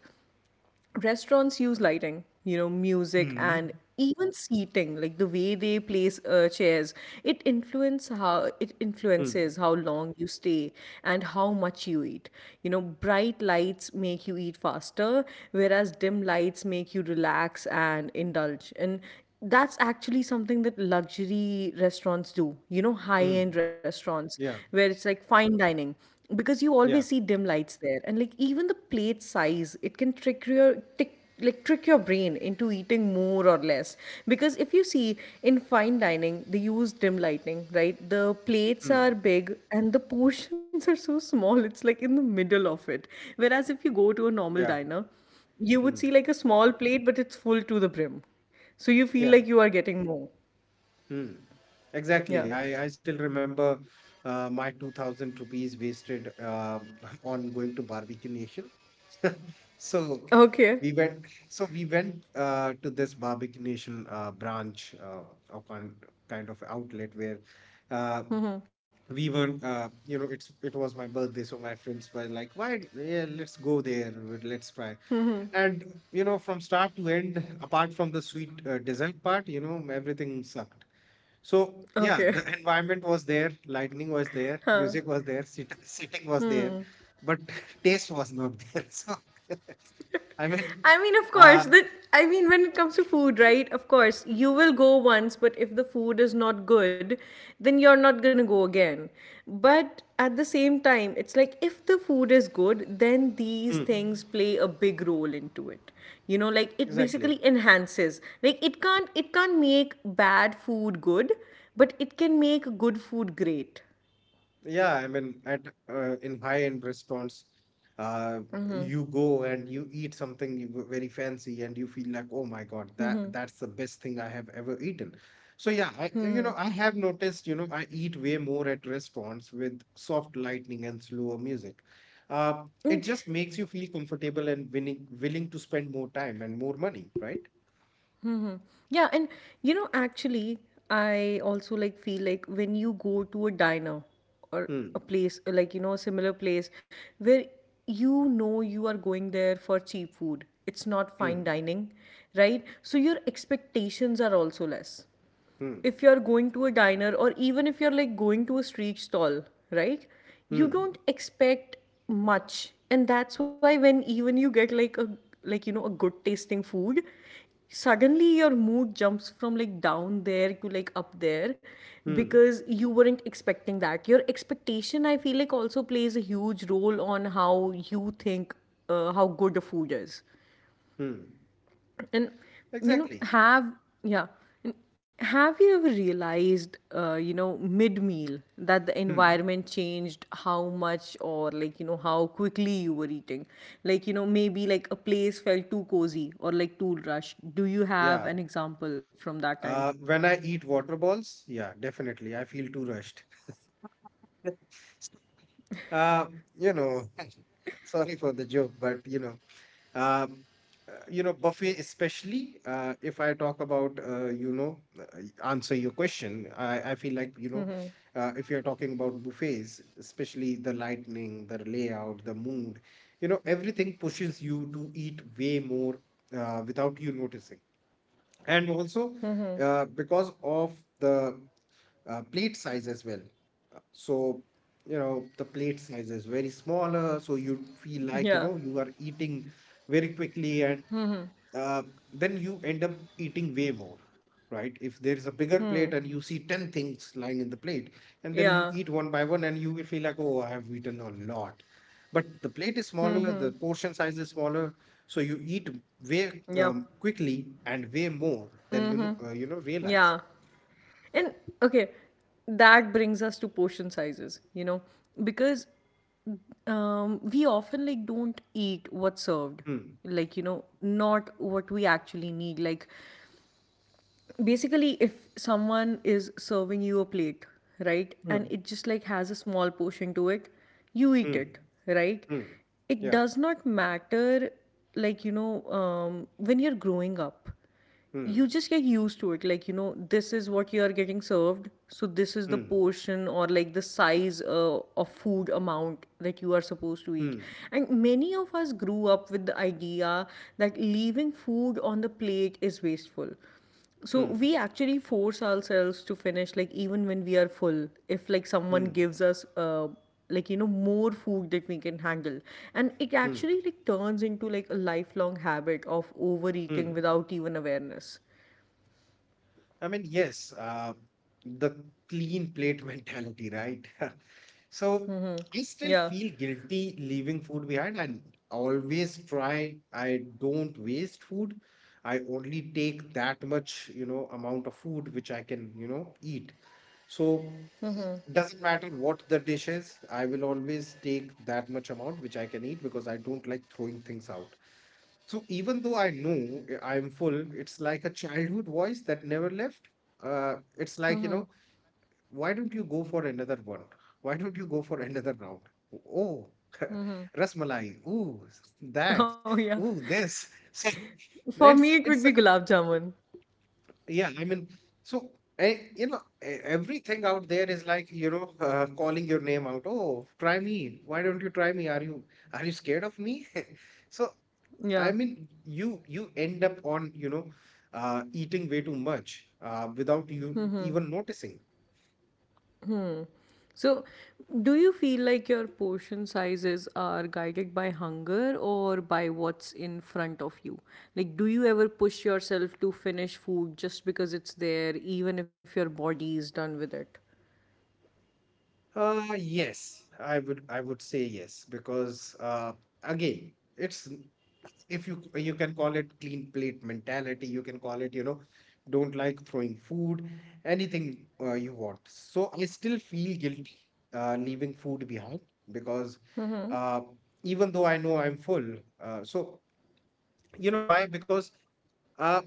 S1: Restaurants use lighting, you know, music,
S2: Hmm.
S1: and even seating, like the way they place chairs, it influences
S2: Hmm.
S1: how long you stay and how much you eat. You know, bright lights make you eat faster, whereas dim lights make you relax and indulge. And that's actually something that luxury restaurants do. You know, high
S2: Hmm.
S1: end restaurants
S2: Yeah.
S1: where it's like fine dining, because you always
S2: Yeah.
S1: see dim lights there, and like even the plate size, it can trick your brain into eating more or less. Because if you see, in fine dining they use dim lighting, right, the plates are
S2: Hmm.
S1: big and the portions *laughs* are so small, it's like in the middle of it, whereas if you go to a normal
S2: Yeah.
S1: diner, you would see
S2: Hmm.
S1: like a small plate but it's full to the brim, so you feel
S2: Yeah.
S1: like you are getting more.
S2: Hmm.
S1: Yeah.
S2: Exactly. I still remember my 2,000 rupees wasted, *laughs* on going to Barbecue Nation. *laughs* So
S1: Okay.
S2: we went. So we went to this Barbecue Nation branch, or kind of outlet where uh,
S1: Mm-hmm.
S2: we were. You know, it's, it was my birthday, so my friends were like, "Why? Yeah, let's go there. Let's try."
S1: Mm-hmm.
S2: And you know, from start to end, apart from the sweet dessert part, you know, everything sucked. So yeah,
S1: Okay.
S2: the environment was there, lightning was there,
S1: *laughs* Huh.
S2: music was there, sitting was there,
S1: Hmm.
S2: but *laughs* taste was not there. *laughs* So *laughs* I mean,
S1: I mean, of course,
S2: uh,
S1: when it comes to food, right? Of course, you will go once, but if the food is not good, then you're not gonna go again. But at the same time, it's like, if the food is good, then these
S2: mm,
S1: things play a big role into it. You know, like, it
S2: exactly.
S1: basically enhances. Like, it can't make bad food good, but it can make good food great.
S2: Yeah, I mean, at in high-end restaurants, uh, you go and you eat something, very fancy, and you feel like, oh my God, that's the best thing I have ever eaten. So yeah,
S1: Hmm.
S2: I have noticed, I eat way more at restaurants with soft lighting and slower music. It just makes you feel comfortable and willing to spend more time and more money, right?
S1: Hmm. Yeah, and you know, actually, I also like feel like, when you go to a diner, or a
S2: Hmm.
S1: place like, you know, a similar place where you know you are going there for cheap food, it's not
S2: Hmm.
S1: fine dining, right? So your expectations are also less,
S2: Hmm.
S1: if you're going to a diner or even if you're like going to a street stall, right? You
S2: Hmm.
S1: don't expect much. And that's why, when even you get like a, like you know, a good tasting food, suddenly your mood jumps from like down there to like up there,
S2: Hmm.
S1: because you weren't expecting that. Your expectation, I feel like, also plays a huge role on how you think how good the food is,
S2: Hmm.
S1: and you
S2: Exactly.
S1: know have. Yeah. And have you ever realized, you know, mid meal, that the
S2: Hmm.
S1: environment changed how much, or like you know how quickly you were eating, like you know, maybe like a place felt too cozy or like too rushed? Do you
S2: Yeah.
S1: have an example from that time?
S2: When I eat water balls, yeah, definitely. I feel too rushed. Uh, you know, *laughs* Sorry for the joke, but um, buffet especially. If I talk about, answer your question, I feel like if you're talking about buffets, especially the lighting, the layout, the mood, you know, everything pushes you to eat way more, without you noticing, and also
S1: Mm-hmm.
S2: because of the plate size as well. So, you know, the plate size is very smaller, so you feel like, you
S1: Yeah.
S2: know, you are eating very quickly and, uh, then you end up eating way more, right? If there is a bigger
S1: Hmm.
S2: plate and you see 10 things lying in the plate, and then you
S1: Yeah.
S2: eat one by one and you will feel like, oh, I have eaten a lot. But the plate is smaller,
S1: Hmm.
S2: the portion size is smaller, so you eat way
S1: Yeah.
S2: um, quickly and way more than
S1: Hmm.
S2: you know realize.
S1: Yeah. And okay, that brings us to portion sizes, you know, because we often like don't eat what's served,
S2: Hmm.
S1: like you know, not what we actually need. Like, basically if someone is serving you a plate, right, and
S2: Hmm.
S1: it just like has a small portion to it, you eat
S2: Hmm.
S1: it, right?
S2: Hmm.
S1: It
S2: Yeah.
S1: does not matter. Like, you know, when you're growing up, you
S2: Hmm.
S1: just get used to it, like you know, this is what you are getting served, so this is the
S2: Hmm.
S1: portion or like the size of food amount that you are supposed to eat.
S2: Hmm.
S1: And many of us grew up with the idea that leaving food on the plate is wasteful, so
S2: Hmm.
S1: we actually force ourselves to finish, like even when we are full. If like
S2: Hmm.
S1: someone gives us, like you know, more food that we can handle, and it
S2: Hmm.
S1: actually like turns into like a lifelong habit of overeating
S2: Mm.
S1: without even awareness.
S2: I mean, yes, the clean plate *laughs* mentality, right? *laughs* So I still
S1: Yeah.
S2: feel guilty leaving food behind. I always try, I don't waste food. I only take that much, you know, amount of food which I can, you know, eat. So e- doesn't matter what the dish is, I will always take that much amount which I can eat because I don't like throwing things out. So even though I know I am full, it's like a childhood voice that never left. It's like, you know,
S1: *laughs*
S2: why don't you go for another one? Why don't you go for another round? Oh,
S1: Mm-hmm.
S2: *laughs* rasmalai. Ooh, that.
S1: Oh yeah.
S2: Ooh, this. *laughs* So
S1: For me,
S2: it's
S1: it would
S2: it's
S1: be
S2: a
S1: gulab jamun.
S2: yeah. I mean, so you know, everything out there is like calling your name out. Oh, try me. Why don't you try me? Are you scared of me? *laughs* So
S1: Yeah.
S2: I mean, you end up on, you know, eating way too much, without you even noticing.
S1: So, do you feel like your portion sizes are guided by hunger or by what's in front of you? Like, do you ever push yourself to finish food just because it's there, even if your body is done with it?
S2: Yes, I would say yes because, again, it's if you can call it clean plate mentality, you can call it, you know, don't like throwing food, anything you want. So I still feel guilty, leaving food behind because,
S1: Mm-hmm.
S2: uh, even though I know I'm full, so you know why? Because. Uh,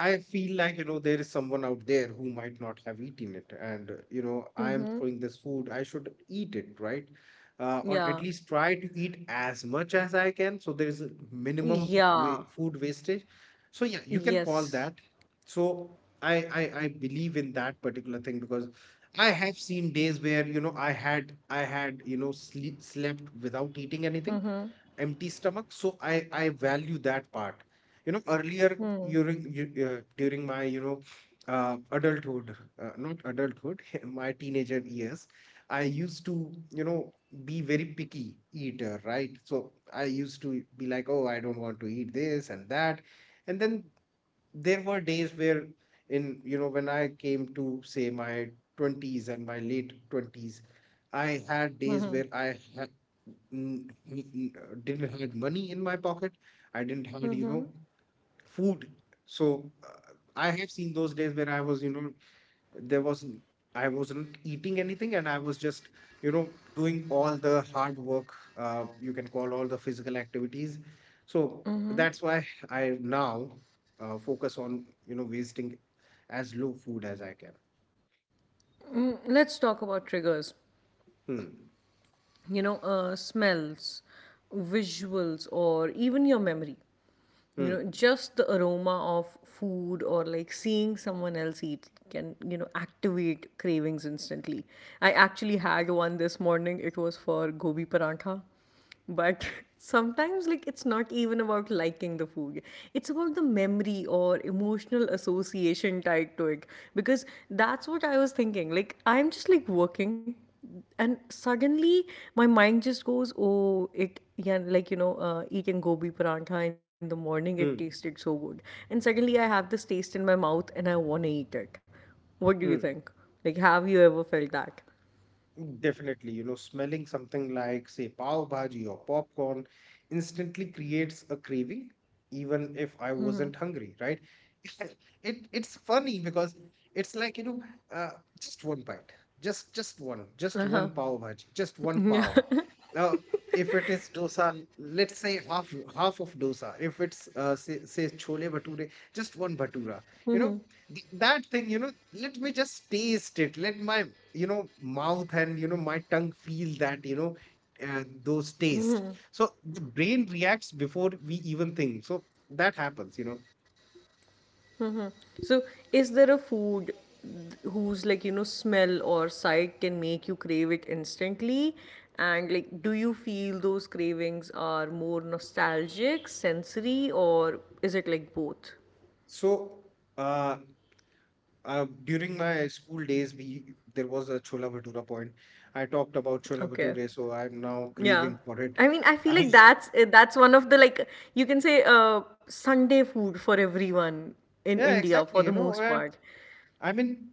S2: I feel like, you know, there is someone out there who might not have eaten it. And, you know, I am
S1: Mm-hmm.
S2: throwing this food. I should eat it, right? Or at
S1: Yeah.
S2: least try to eat as much as I can. So there is a minimum
S1: Yeah.
S2: food wastage. So, yeah, you can call
S1: Yes.
S2: that. So I believe in that particular thing because I have seen days where, you know, you know, slept without eating anything
S1: Hmm.
S2: empty stomach. So I value that part. You know, earlier, during during my, you know, adulthood, not adulthood, *laughs* my teenager years, I used to, you know, be very picky eater, right? So I used to be like, oh, I don't want to eat this and that, and then there were days where, in, you know, when I came to say my 20s and my late 20s, I had days where
S1: Mm.
S2: I didn't have money in my pocket. I didn't have, you know, food. So, I have seen those days where I was, you know, there wasn't, I wasn't eating anything and I was just, you know, doing all the hard work, you can call all the physical activities. So that's why I now, focus on, you know, wasting as low food as I can.
S1: Let's talk about triggers.
S2: Hmm.
S1: You know, smells, visuals, or even your memory, you know,
S2: Hmm.
S1: just the aroma of food or like seeing someone else eat can, you know, activate cravings instantly. I actually had one this morning. It was for gobi parantha, but *laughs* sometimes, like, it's not even about liking the food. It's about the memory or emotional association tied to it. Because that's what I was thinking. Like, I'm just like working, and suddenly my mind just goes, oh, it, yeah, like, you know, eating gobi parantha in the morning, it
S2: Hmm.
S1: tasted so good. And suddenly I have this taste in my mouth and I want to eat it. What do you
S2: Hmm.
S1: think? Like, have you ever felt that?
S2: Definitely, you know, smelling something like, say, pav bhaji or popcorn instantly creates a craving, even if I wasn't hungry, right? *laughs* It's funny because it's like, you know, uh, just one bite, just
S1: Uh
S2: one
S1: huh.
S2: pav bhaji, just one
S1: *laughs* Yeah.
S2: pav. Now, if it is dosa, let's say half of dosa. If it's say chole bhature, just one bhatura. You know, that thing, you know, let me just taste it, let my, you know, mouth and, you know, my tongue feel that, you know, those taste. So the brain reacts before we even think. So that happens, you know.
S1: So, is there a food whose like you know smell or sight can make you crave it instantly? And like, do you feel those cravings are more nostalgic, sensory, or is it like both?
S2: So, uh, during my school days, we there was a Chola Bhatura point. I talked about Chola
S1: Okay.
S2: Bhature, so I'm now
S1: Yeah.
S2: craving for it.
S1: I mean, I
S2: *laughs*
S1: feel
S2: I,
S1: like that's one of the like, you can say, Sunday food for everyone in
S2: yeah,
S1: India, for
S2: exactly.
S1: the
S2: You know,
S1: most
S2: and
S1: part.
S2: I mean,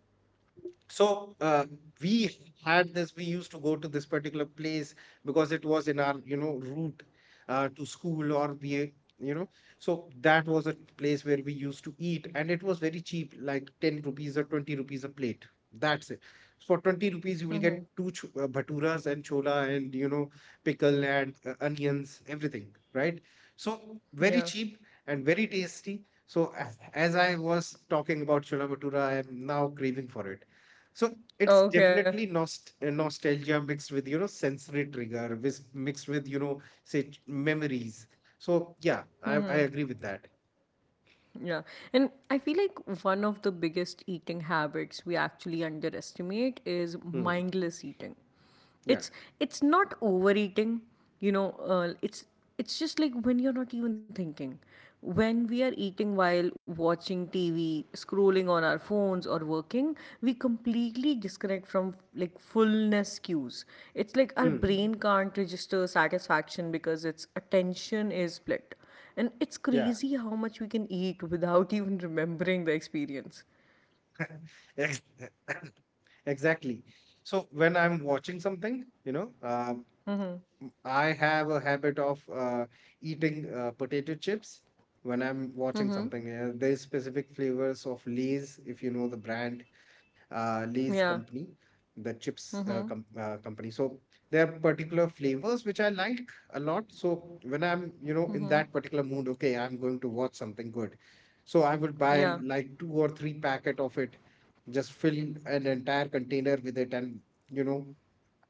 S2: so, we had this, we used to go to this particular place because it was in our, you know, route, to school, or we, you know, so that was a place where we used to eat and it was very cheap, like 10 rupees or 20 rupees a plate, that's it. For 20 rupees you will get two bhaturas and chola and, you know, pickle and, onions, everything, right? So very
S1: Yeah.
S2: cheap and very tasty. So as I was talking about chola bhatura, I am now craving for it. So it's
S1: Okay.
S2: definitely nostalgia mixed with, you know, sensory trigger, with, mixed with, you know, memories. So yeah, I agree with that.
S1: Yeah. And I feel like one of the biggest eating habits we actually underestimate is
S2: Hmm.
S1: mindless eating.
S2: Yeah.
S1: It's it's not overeating, you know, it's just like when you're not even thinking. When we are eating while watching TV, scrolling on our phones or working, we completely disconnect from like fullness cues. It's like our brain
S2: Hmm.
S1: can't register satisfaction because its attention is split, and it's
S2: Yeah.
S1: crazy how much we can eat without *laughs* even remembering the experience.
S2: *laughs* Ex- *coughs* Exactly. So when I'm watching something, you know,
S1: Mm-hmm.
S2: I have a habit of, eating, potato chips when I'm watching
S1: Mm-hmm.
S2: something. There's specific flavors of Lay's, if you know the brand, Lay's
S1: Yeah.
S2: company, the chips
S1: Mm-hmm.
S2: company. So there are particular flavors which I like a lot. So when I'm, you know, in
S1: Mm-hmm.
S2: that particular mood, okay, I'm going to watch something good. So I would buy
S1: Yeah.
S2: like two or three packet of it, just fill an entire container with it and, you know,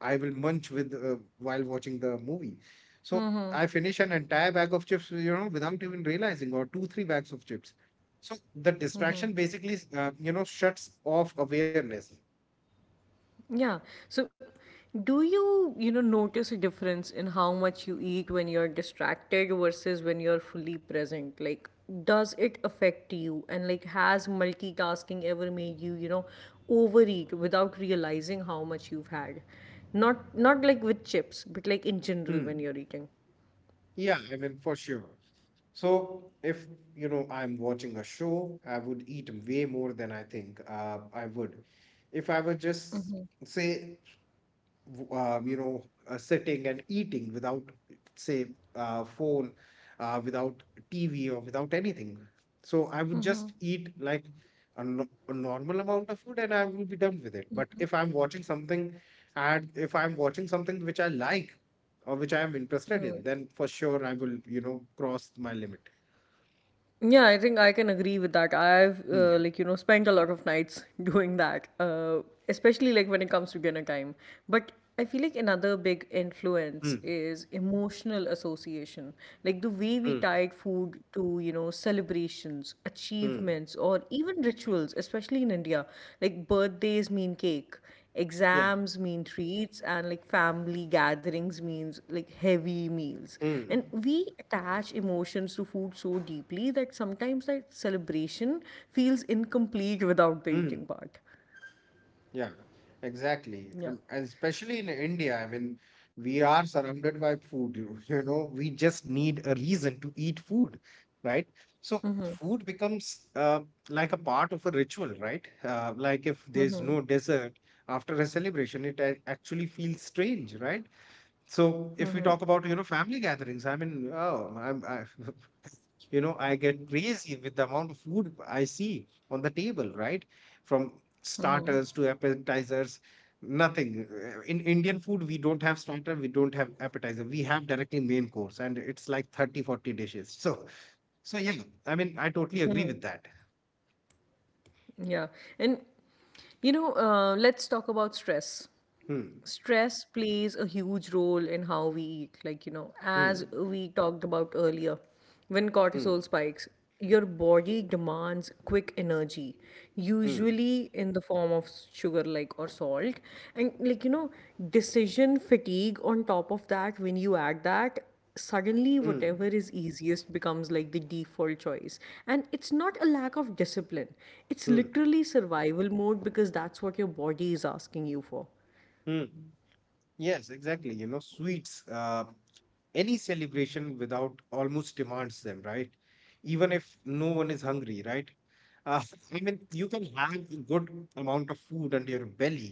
S2: I will munch with, while watching the movie. So
S1: Mm-hmm.
S2: I finish an entire bag of chips, you know, without even realizing, or two, three bags of chips. So the distraction basically, you know, shuts off awareness.
S1: Yeah. So, do you, you know, notice a difference in how much you eat when you're distracted versus when you're fully present? Like, does it affect you? And like, has multitasking ever made you, you know, overeat without realizing how much you've had? Not like with chips, but like in general when
S2: Hmm.
S1: you're eating.
S2: Yeah, I mean, for sure. So if, you know, I'm watching a show, I would eat way more than I think, I would. If I were just, say, you know, sitting and eating without, say, phone, without TV or without anything. So I would just eat like a, no- a normal amount of food and I will be done with it. But if I'm watching something and if I'm watching something which I like or which I am interested in, then for sure I will, you know, cross my limit.
S1: Yeah, I think I can agree with that. I've,
S2: Hmm.
S1: like you know, spent a lot of nights *laughs* doing that, especially like when it comes to dinner time. But I feel like another big influence
S2: Hmm.
S1: is emotional association, like the way we
S2: Hmm.
S1: tied food to, you know, celebrations,
S2: Hmm.
S1: achievements, or even rituals, especially in India. Like birthdays mean cake,
S2: Yeah.
S1: exams mean treats, and like family gatherings means like heavy meals, and
S2: Hmm.
S1: we attach emotions to food so deeply that sometimes that celebration feels incomplete without the
S2: Hmm.
S1: eating part.
S2: Yeah, exactly.
S1: Yeah,
S2: And especially in India, I mean, we are surrounded by food, you *laughs* you know, we just need a reason to eat food, right? So food becomes like a part of a ritual, right? Like if there's no dessert after a celebration, it actually feels strange, right? So if we talk about, you know, family gatherings, I mean, oh, *laughs* you know, I get crazy with the amount of food I see on the table, right, from starters to appetizers, nothing. In Indian food we don't have starter, we don't have appetizer, we have directly main course, and it's like 30, 40 dishes. So so yeah, I mean, I totally agree with that.
S1: yeah. And, you know, let's talk about stress.
S2: Hmm.
S1: Stress plays a huge role in how we eat, like you know, as
S2: Hmm.
S1: we talked about earlier, when
S2: Hmm.
S1: cortisol spikes, your body demands quick energy,
S2: Hmm.
S1: usually in the form of sugar, like, or salt. And like you know, decision fatigue on top of that, when you add that, suddenly
S2: Hmm.
S1: whatever is easiest becomes like the default choice. And it's not a lack of discipline, it's
S2: Hmm.
S1: literally survival mode, because that's what your body is asking you for.
S2: Hmm. Yes, exactly, you know, sweets, any celebration without almost demands them, right, even if no one is hungry, right? Uh, I mean, you can have a good amount of food under your belly,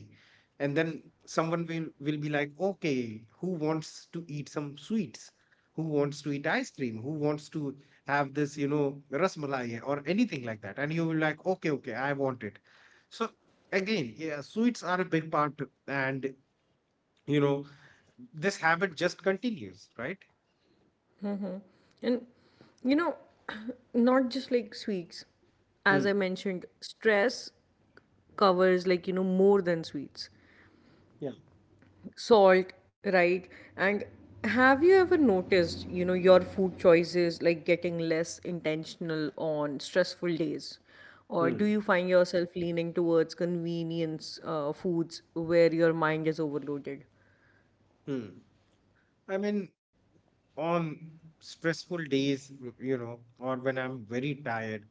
S2: and then someone will be like, okay, who wants to eat some sweets? Who wants to eat ice cream? Who wants to have this, you know, rasmalai or anything like that? And you will like, okay, okay, I want it. So again, yeah, sweets are a big part, and you know, this habit just continues, right?
S1: And you know, *clears throat* not just like sweets. As I
S2: Hmm.
S1: mentioned, stress covers like, you know, more than sweets.
S2: Yeah.
S1: Salt, right? And have you ever noticed, you know, your food choices like getting less intentional on stressful days? Or do
S2: Hmm.
S1: you find yourself leaning towards convenience foods where your mind is overloaded?
S2: Hmm. I mean, on stressful days, you know, or when I'm very tired,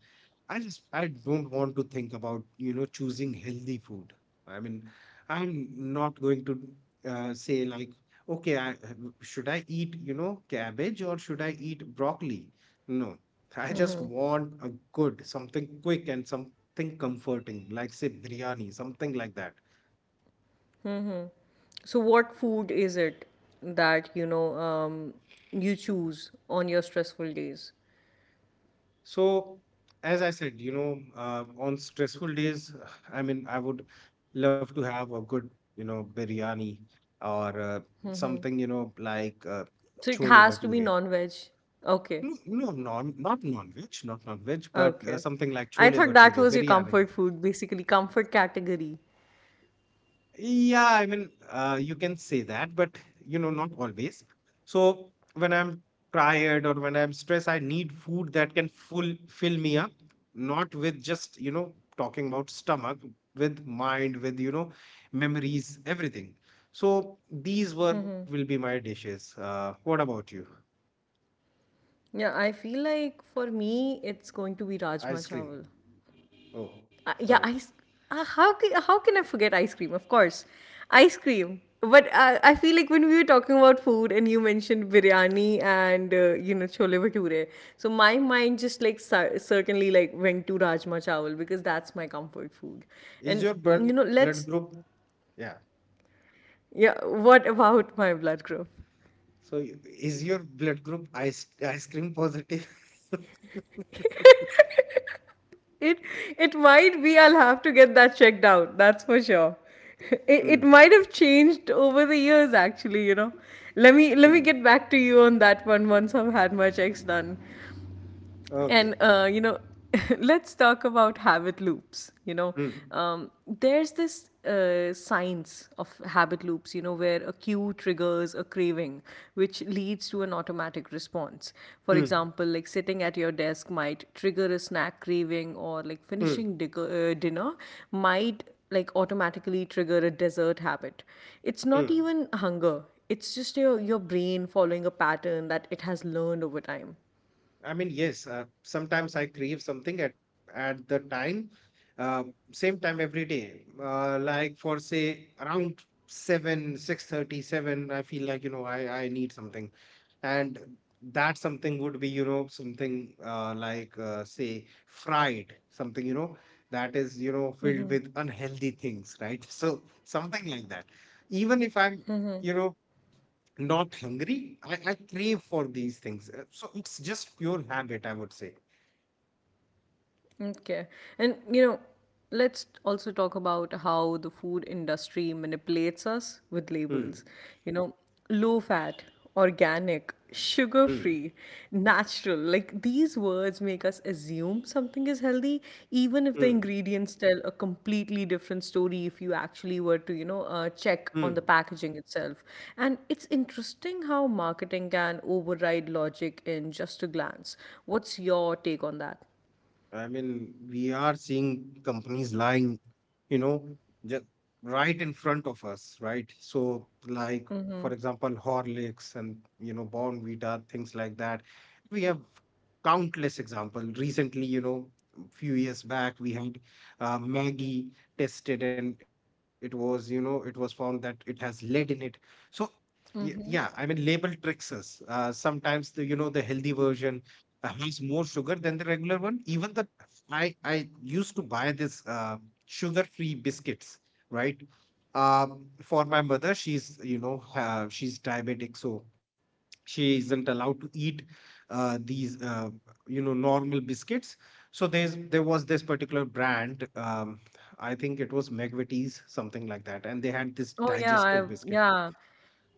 S2: I don't want to think about, you know, choosing healthy food. I mean, I'm not going to, say like, okay, I should I eat, you know, cabbage or should I eat broccoli? No, I just want a good, something quick and something comforting, like say biryani, something like that.
S1: So, what food is it that, you know, you choose on your stressful days?
S2: So, as I said, you know, on stressful days, *sighs* I mean, I would love to have a good, you know, biryani or, something, you know, like,
S1: So it
S2: chole
S1: has to be
S2: bhature.
S1: non-veg. Okay.
S2: No, no, not non-veg, but
S1: Okay.
S2: something like
S1: I thought
S2: chole
S1: that was your
S2: bhature,
S1: comfort
S2: biryani.
S1: food, basically comfort category.
S2: Yeah, I mean, you can say that, but not always. So when I'm tired or when I'm stressed, I need food that can full fill me up, not with just, talking about stomach, with mind, with, memories, everything. So these were will be my dishes. What about you?
S1: Yeah, I feel like for me it's going to be rajma
S2: Ice cream.
S1: chawal.
S2: Oh,
S1: Yeah,
S2: sorry.
S1: ice. How can I forget ice cream? Of course, ice cream. But I feel like when we were talking about food and you mentioned biryani and, you know, chole bhature, so my mind just like certainly like went to rajma chawal, because that's my comfort food,
S2: Is
S1: and
S2: your blood
S1: you know,
S2: blood
S1: let's.
S2: group? Yeah.
S1: Yeah, what about my blood group?
S2: So is your blood group ice cream positive? *laughs*
S1: It it might be. I'll have to get that checked out, that's for sure. *laughs* It
S2: Mm,
S1: might have changed over the years, actually, you know. Let me
S2: mm.
S1: get back to you on that one once I've had my checks done. And
S2: Okay.
S1: you know, *laughs* let's talk about habit loops. You know,
S2: Mm,
S1: there's this science of habit loops, you know, where a cue triggers a craving, which leads to an automatic response. For
S2: mm,
S1: example, like sitting at your desk might trigger a snack craving, or like
S2: mm,
S1: finishing dinner might like automatically trigger a dessert habit. It's not
S2: mm.
S1: even hunger, it's just your brain following a pattern that it has learned over time.
S2: I mean, yes, sometimes I crave something at the time, uh, same time every day. Like for say around seven, 6:30, seven, I feel like, I need something. And that something would be, something like say fried, something, that is, filled with unhealthy things, right? *laughs* So something like that. Even if I'm you know not hungry. I crave for these things. So it's just pure habit, I would say.
S1: Okay. And you know, let's also talk about how the food industry manipulates us with
S2: Hmm.
S1: labels. You know, low fat, organic, sugar
S2: Hmm.
S1: free, natural. Like these words make us assume something is healthy, even if the
S2: Hmm.
S1: ingredients tell a completely different story if you actually were to, you know, check on the
S2: Hmm.
S1: packaging itself. And it's interesting how marketing can override logic in just a glance. What's your take on that?
S2: I mean, we are seeing companies lying, you know, just right in front of us, right? So, like, for example, Horlicks and, Bon Vita, things like that. We have countless examples. Recently, few years back, we had Maggie tested and it was found that it has lead in it. So, yeah, I mean, label tricks us. Sometimes the healthy version has more sugar than the regular one. Even the I used to buy this sugar-free biscuits, right? For my mother, she's you know she's diabetic, so she isn't allowed to eat these normal biscuits. So there was this particular brand. I think it was McVitie's, something like that, and they had this
S1: Oh, yeah,
S2: digestive
S1: I
S2: biscuit.
S1: yeah,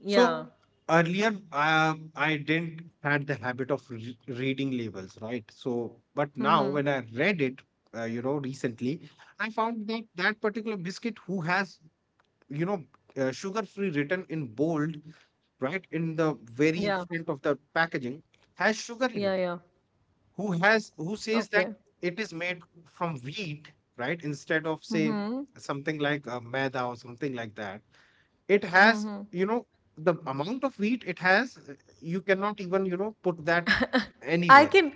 S1: yeah,
S2: So earlier, I didn't had the habit of reading labels, right? So, but now when I read it, recently, I found that that particular biscuit who has, you know, sugar-free written in bold, right, in the very
S1: yeah,
S2: front of the packaging, has sugar in
S1: yeah,
S2: it.
S1: yeah.
S2: Who says that
S1: Okay.
S2: it is made from wheat, right, instead of say
S1: Mhm.
S2: something like maida or something like that. It has the amount of wheat it has, you cannot even put that
S1: I
S2: anywhere.
S1: can,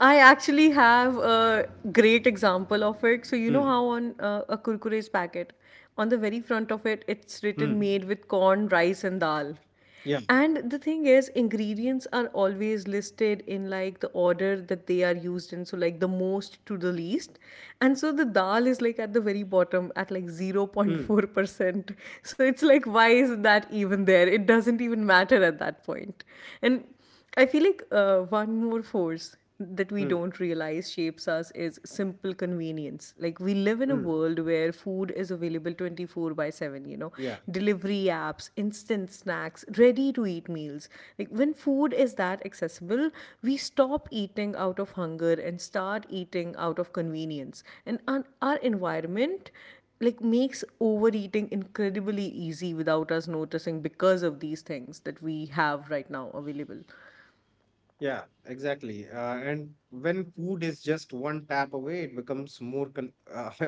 S1: I actually have a great example of it. So, you know
S2: Hmm.
S1: how on a Kurkure's packet, on the very front of it, it's
S2: Hmm.
S1: written made with corn, rice, and dal.
S2: Yeah.
S1: And the thing is, ingredients are always listed in like the order that they are used in. So, like the most to the least. And so the dal is like at the very bottom at like
S2: Hmm.
S1: 0.4%. So, it's like, why is that even there? It doesn't even matter at that point. And I feel like one more force that we
S2: Hmm.
S1: don't realize shapes us is simple convenience. Like we live in a
S2: Hmm.
S1: world where food is available 24/7, you know,
S2: Yeah.
S1: delivery apps, instant snacks, ready to eat meals. Like when food is that accessible, we stop eating out of hunger and start eating out of convenience. And our environment like makes overeating incredibly easy without us noticing, because of these things that we have right now available.
S2: Yeah, exactly. And when food is just one tap away, it becomes more con *laughs*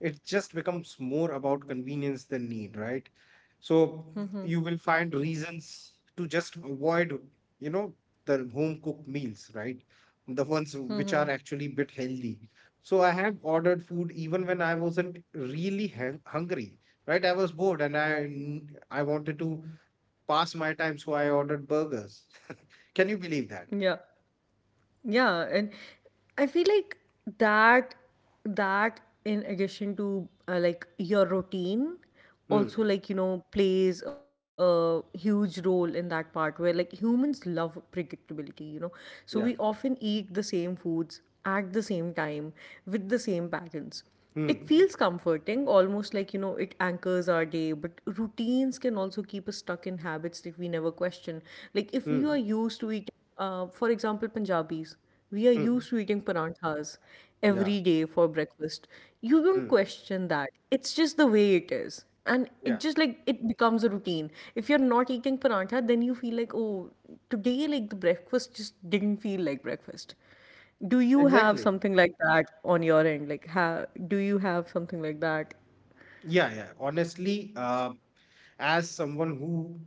S2: it just becomes more about convenience than need, right? So you will find reasons to just avoid, you know, the home cooked meals, right? The ones which are actually a bit healthy. So I have ordered food even when I wasn't really hungry, right? I was bored and I wanted to pass my time, so I ordered burgers. *laughs* Can you believe that?
S1: Yeah. Yeah, and I feel like that that in addition to, like your routine, also
S2: Hmm.
S1: like, you know, plays a huge role in that part where, like, humans love predictability, you know. So we
S2: Yeah.
S1: often eat the same foods at the same time with the same patterns. It feels
S2: Hmm.
S1: comforting, almost like, you know, it anchors our day, but routines can also keep us stuck in habits that we never question. Like, if we are
S2: Hmm.
S1: used to eating, for example, Punjabis, we are used
S2: Hmm.
S1: to eating paranthas
S2: Yeah.
S1: every day for breakfast. You don't
S2: Hmm.
S1: question that. It's just the way it is. And
S2: Yeah.
S1: it just like it becomes a routine. If you're not eating parantha, then you feel like, oh, today, like the breakfast just didn't feel like breakfast. Do you have
S2: Exactly.
S1: something like that on your end? Like, ha do you have something like that?
S2: Yeah. Yeah. Honestly, as someone who,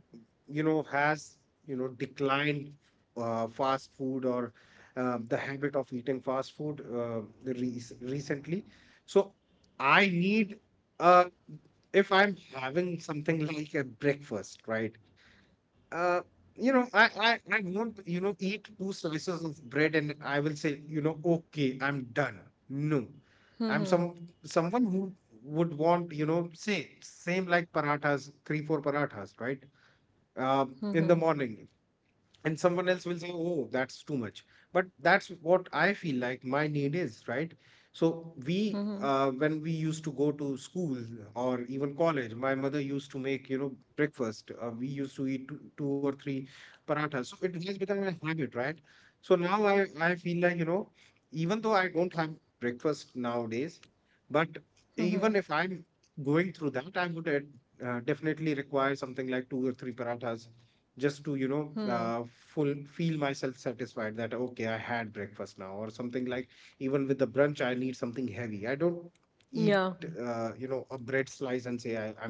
S2: has, declined fast food or the habit of eating fast food, recently, so I need, uh, if I'm having something like a breakfast, right? Uh, I won't, eat two slices of bread and I will say, okay, I'm done. No. I'm someone who would want, say same like parathas, three, four parathas, right? Uh, in the morning, and someone else will say, oh, that's too much, but that's what I feel like my need is, right. So we when we used to go to school or even college, my mother used to make breakfast. We used to eat two, two or three parathas, so it has become a habit, right. So now I feel like, even though I don't have breakfast nowadays, but even if I'm going through that, I would definitely require something like two or three parathas, just to full feel myself satisfied that, okay, I had breakfast now or something like. Even with the brunch I need something heavy. I don't eat,
S1: Yeah.
S2: a bread slice and say I'm done.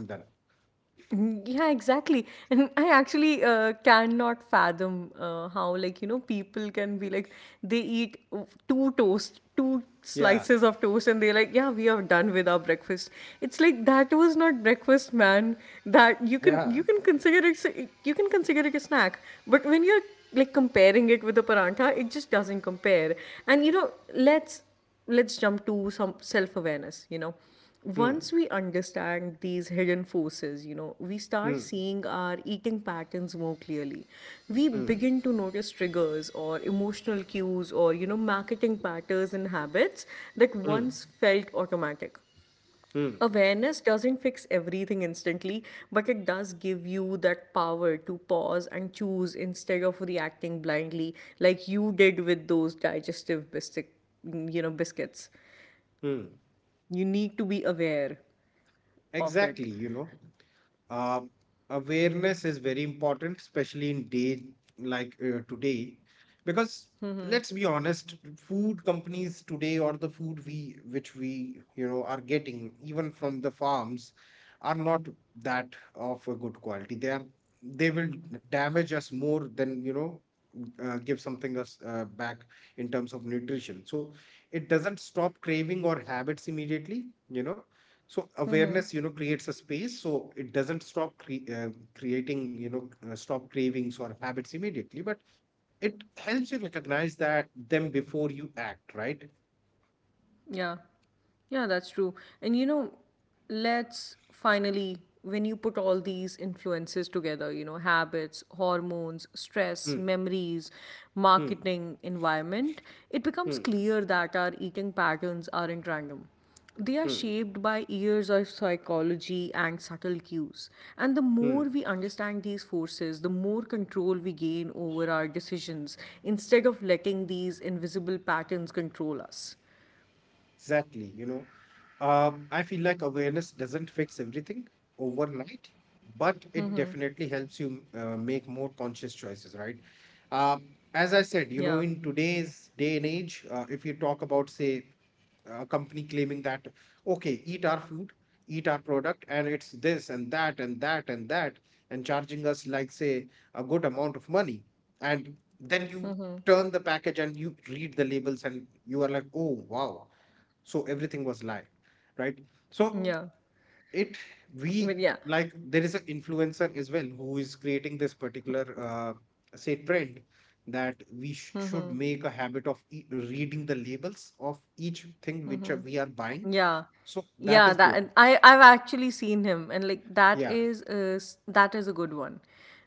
S1: Mm. Yeah, exactly. And I actually cannot fathom how, like, you know, people can be like, they eat, two toast, two
S2: Yeah.
S1: slices of toast, and they're like, yeah, we are done with our breakfast. It's like that was not breakfast, man. That
S2: Yeah.
S1: you can consider it a snack. But when you're like comparing it with a paranta, it just doesn't compare. And you know, let's let's jump to some self awareness. You know, once
S2: Hmm.
S1: we understand these hidden forces, you know, we start
S2: Hmm.
S1: seeing our eating patterns more clearly. We
S2: Hmm.
S1: begin to notice triggers, or emotional cues, or you know, marketing patterns and habits that
S2: Hmm.
S1: once felt automatic.
S2: Hmm.
S1: Awareness doesn't fix everything instantly, but it does give you that power to pause and choose instead of reacting blindly, like you did with those digestive biscuits.
S2: Hmm.
S1: You need to be aware of it.
S2: Exactly. Um, Awareness is very important, especially in day like today, because let's be honest, food companies today, or the food we which we are getting even from the farms, are not that of a good quality. They will damage us more than give something us back in terms of nutrition. So it doesn't stop craving or habits immediately. So awareness, creates a space, so it doesn't stop creating, stop cravings or habits immediately, but it helps you recognize that them before you act, right?
S1: Yeah. Yeah, that's true. And you know, let's finally, when you put all these influences together, you know, habits, hormones, stress,
S2: Hmm,
S1: memories,
S2: hmm,
S1: marketing, environment, it becomes
S2: hmm,
S1: clear that our eating patterns aren't random. They are
S2: hmm,
S1: shaped by years of psychology and subtle cues. And the
S2: hmm.
S1: more we understand these forces, the more control we gain over our decisions, instead of letting these invisible patterns control us.
S2: Exactly. I feel like awareness doesn't fix everything overnight, but it definitely helps you make more conscious choices, right? Um, as I said,
S1: Yeah.
S2: in today's day and age, if you talk about, say, a company claiming that, okay, eat our product, and it's this and that and that and that, and charging us like, say, a good amount of money, and then you turn the package and you read the labels and you are like, oh, wow, so everything was lie, right. So
S1: Yeah.
S2: it
S1: But
S2: we,
S1: yeah.
S2: like, there is an influencer as well who is creating this particular, say, trend that we should make a habit of reading the labels of each thing which, we are buying.
S1: Yeah.
S2: So that
S1: Yeah,
S2: is
S1: that, and
S2: good,
S1: I've actually seen him, and like that
S2: yeah.
S1: is a, s- that is a good one.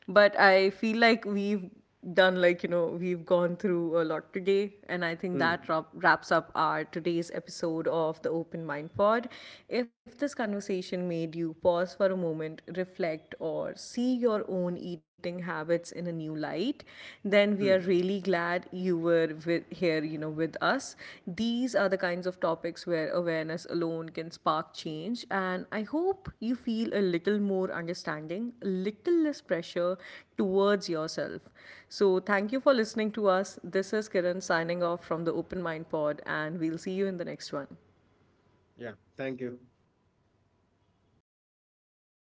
S1: But I feel like we've done like, you know, we've gone through a lot today, and I think that
S2: Hmm.
S1: wraps up our today's episode of the Open Mind Pod. If this conversation made you pause for a moment, reflect, or see your own eating habits in a new light, then we are
S2: Mm.
S1: really glad you were here, you know, with us. These are the kinds of topics where awareness alone can spark change, and I hope you feel a little more understanding, a little less pressure towards yourself. So, thank you for listening to us. This is Kiran signing off from the Open Mind Pod, and we'll see you in the next one.
S2: Yeah, thank you.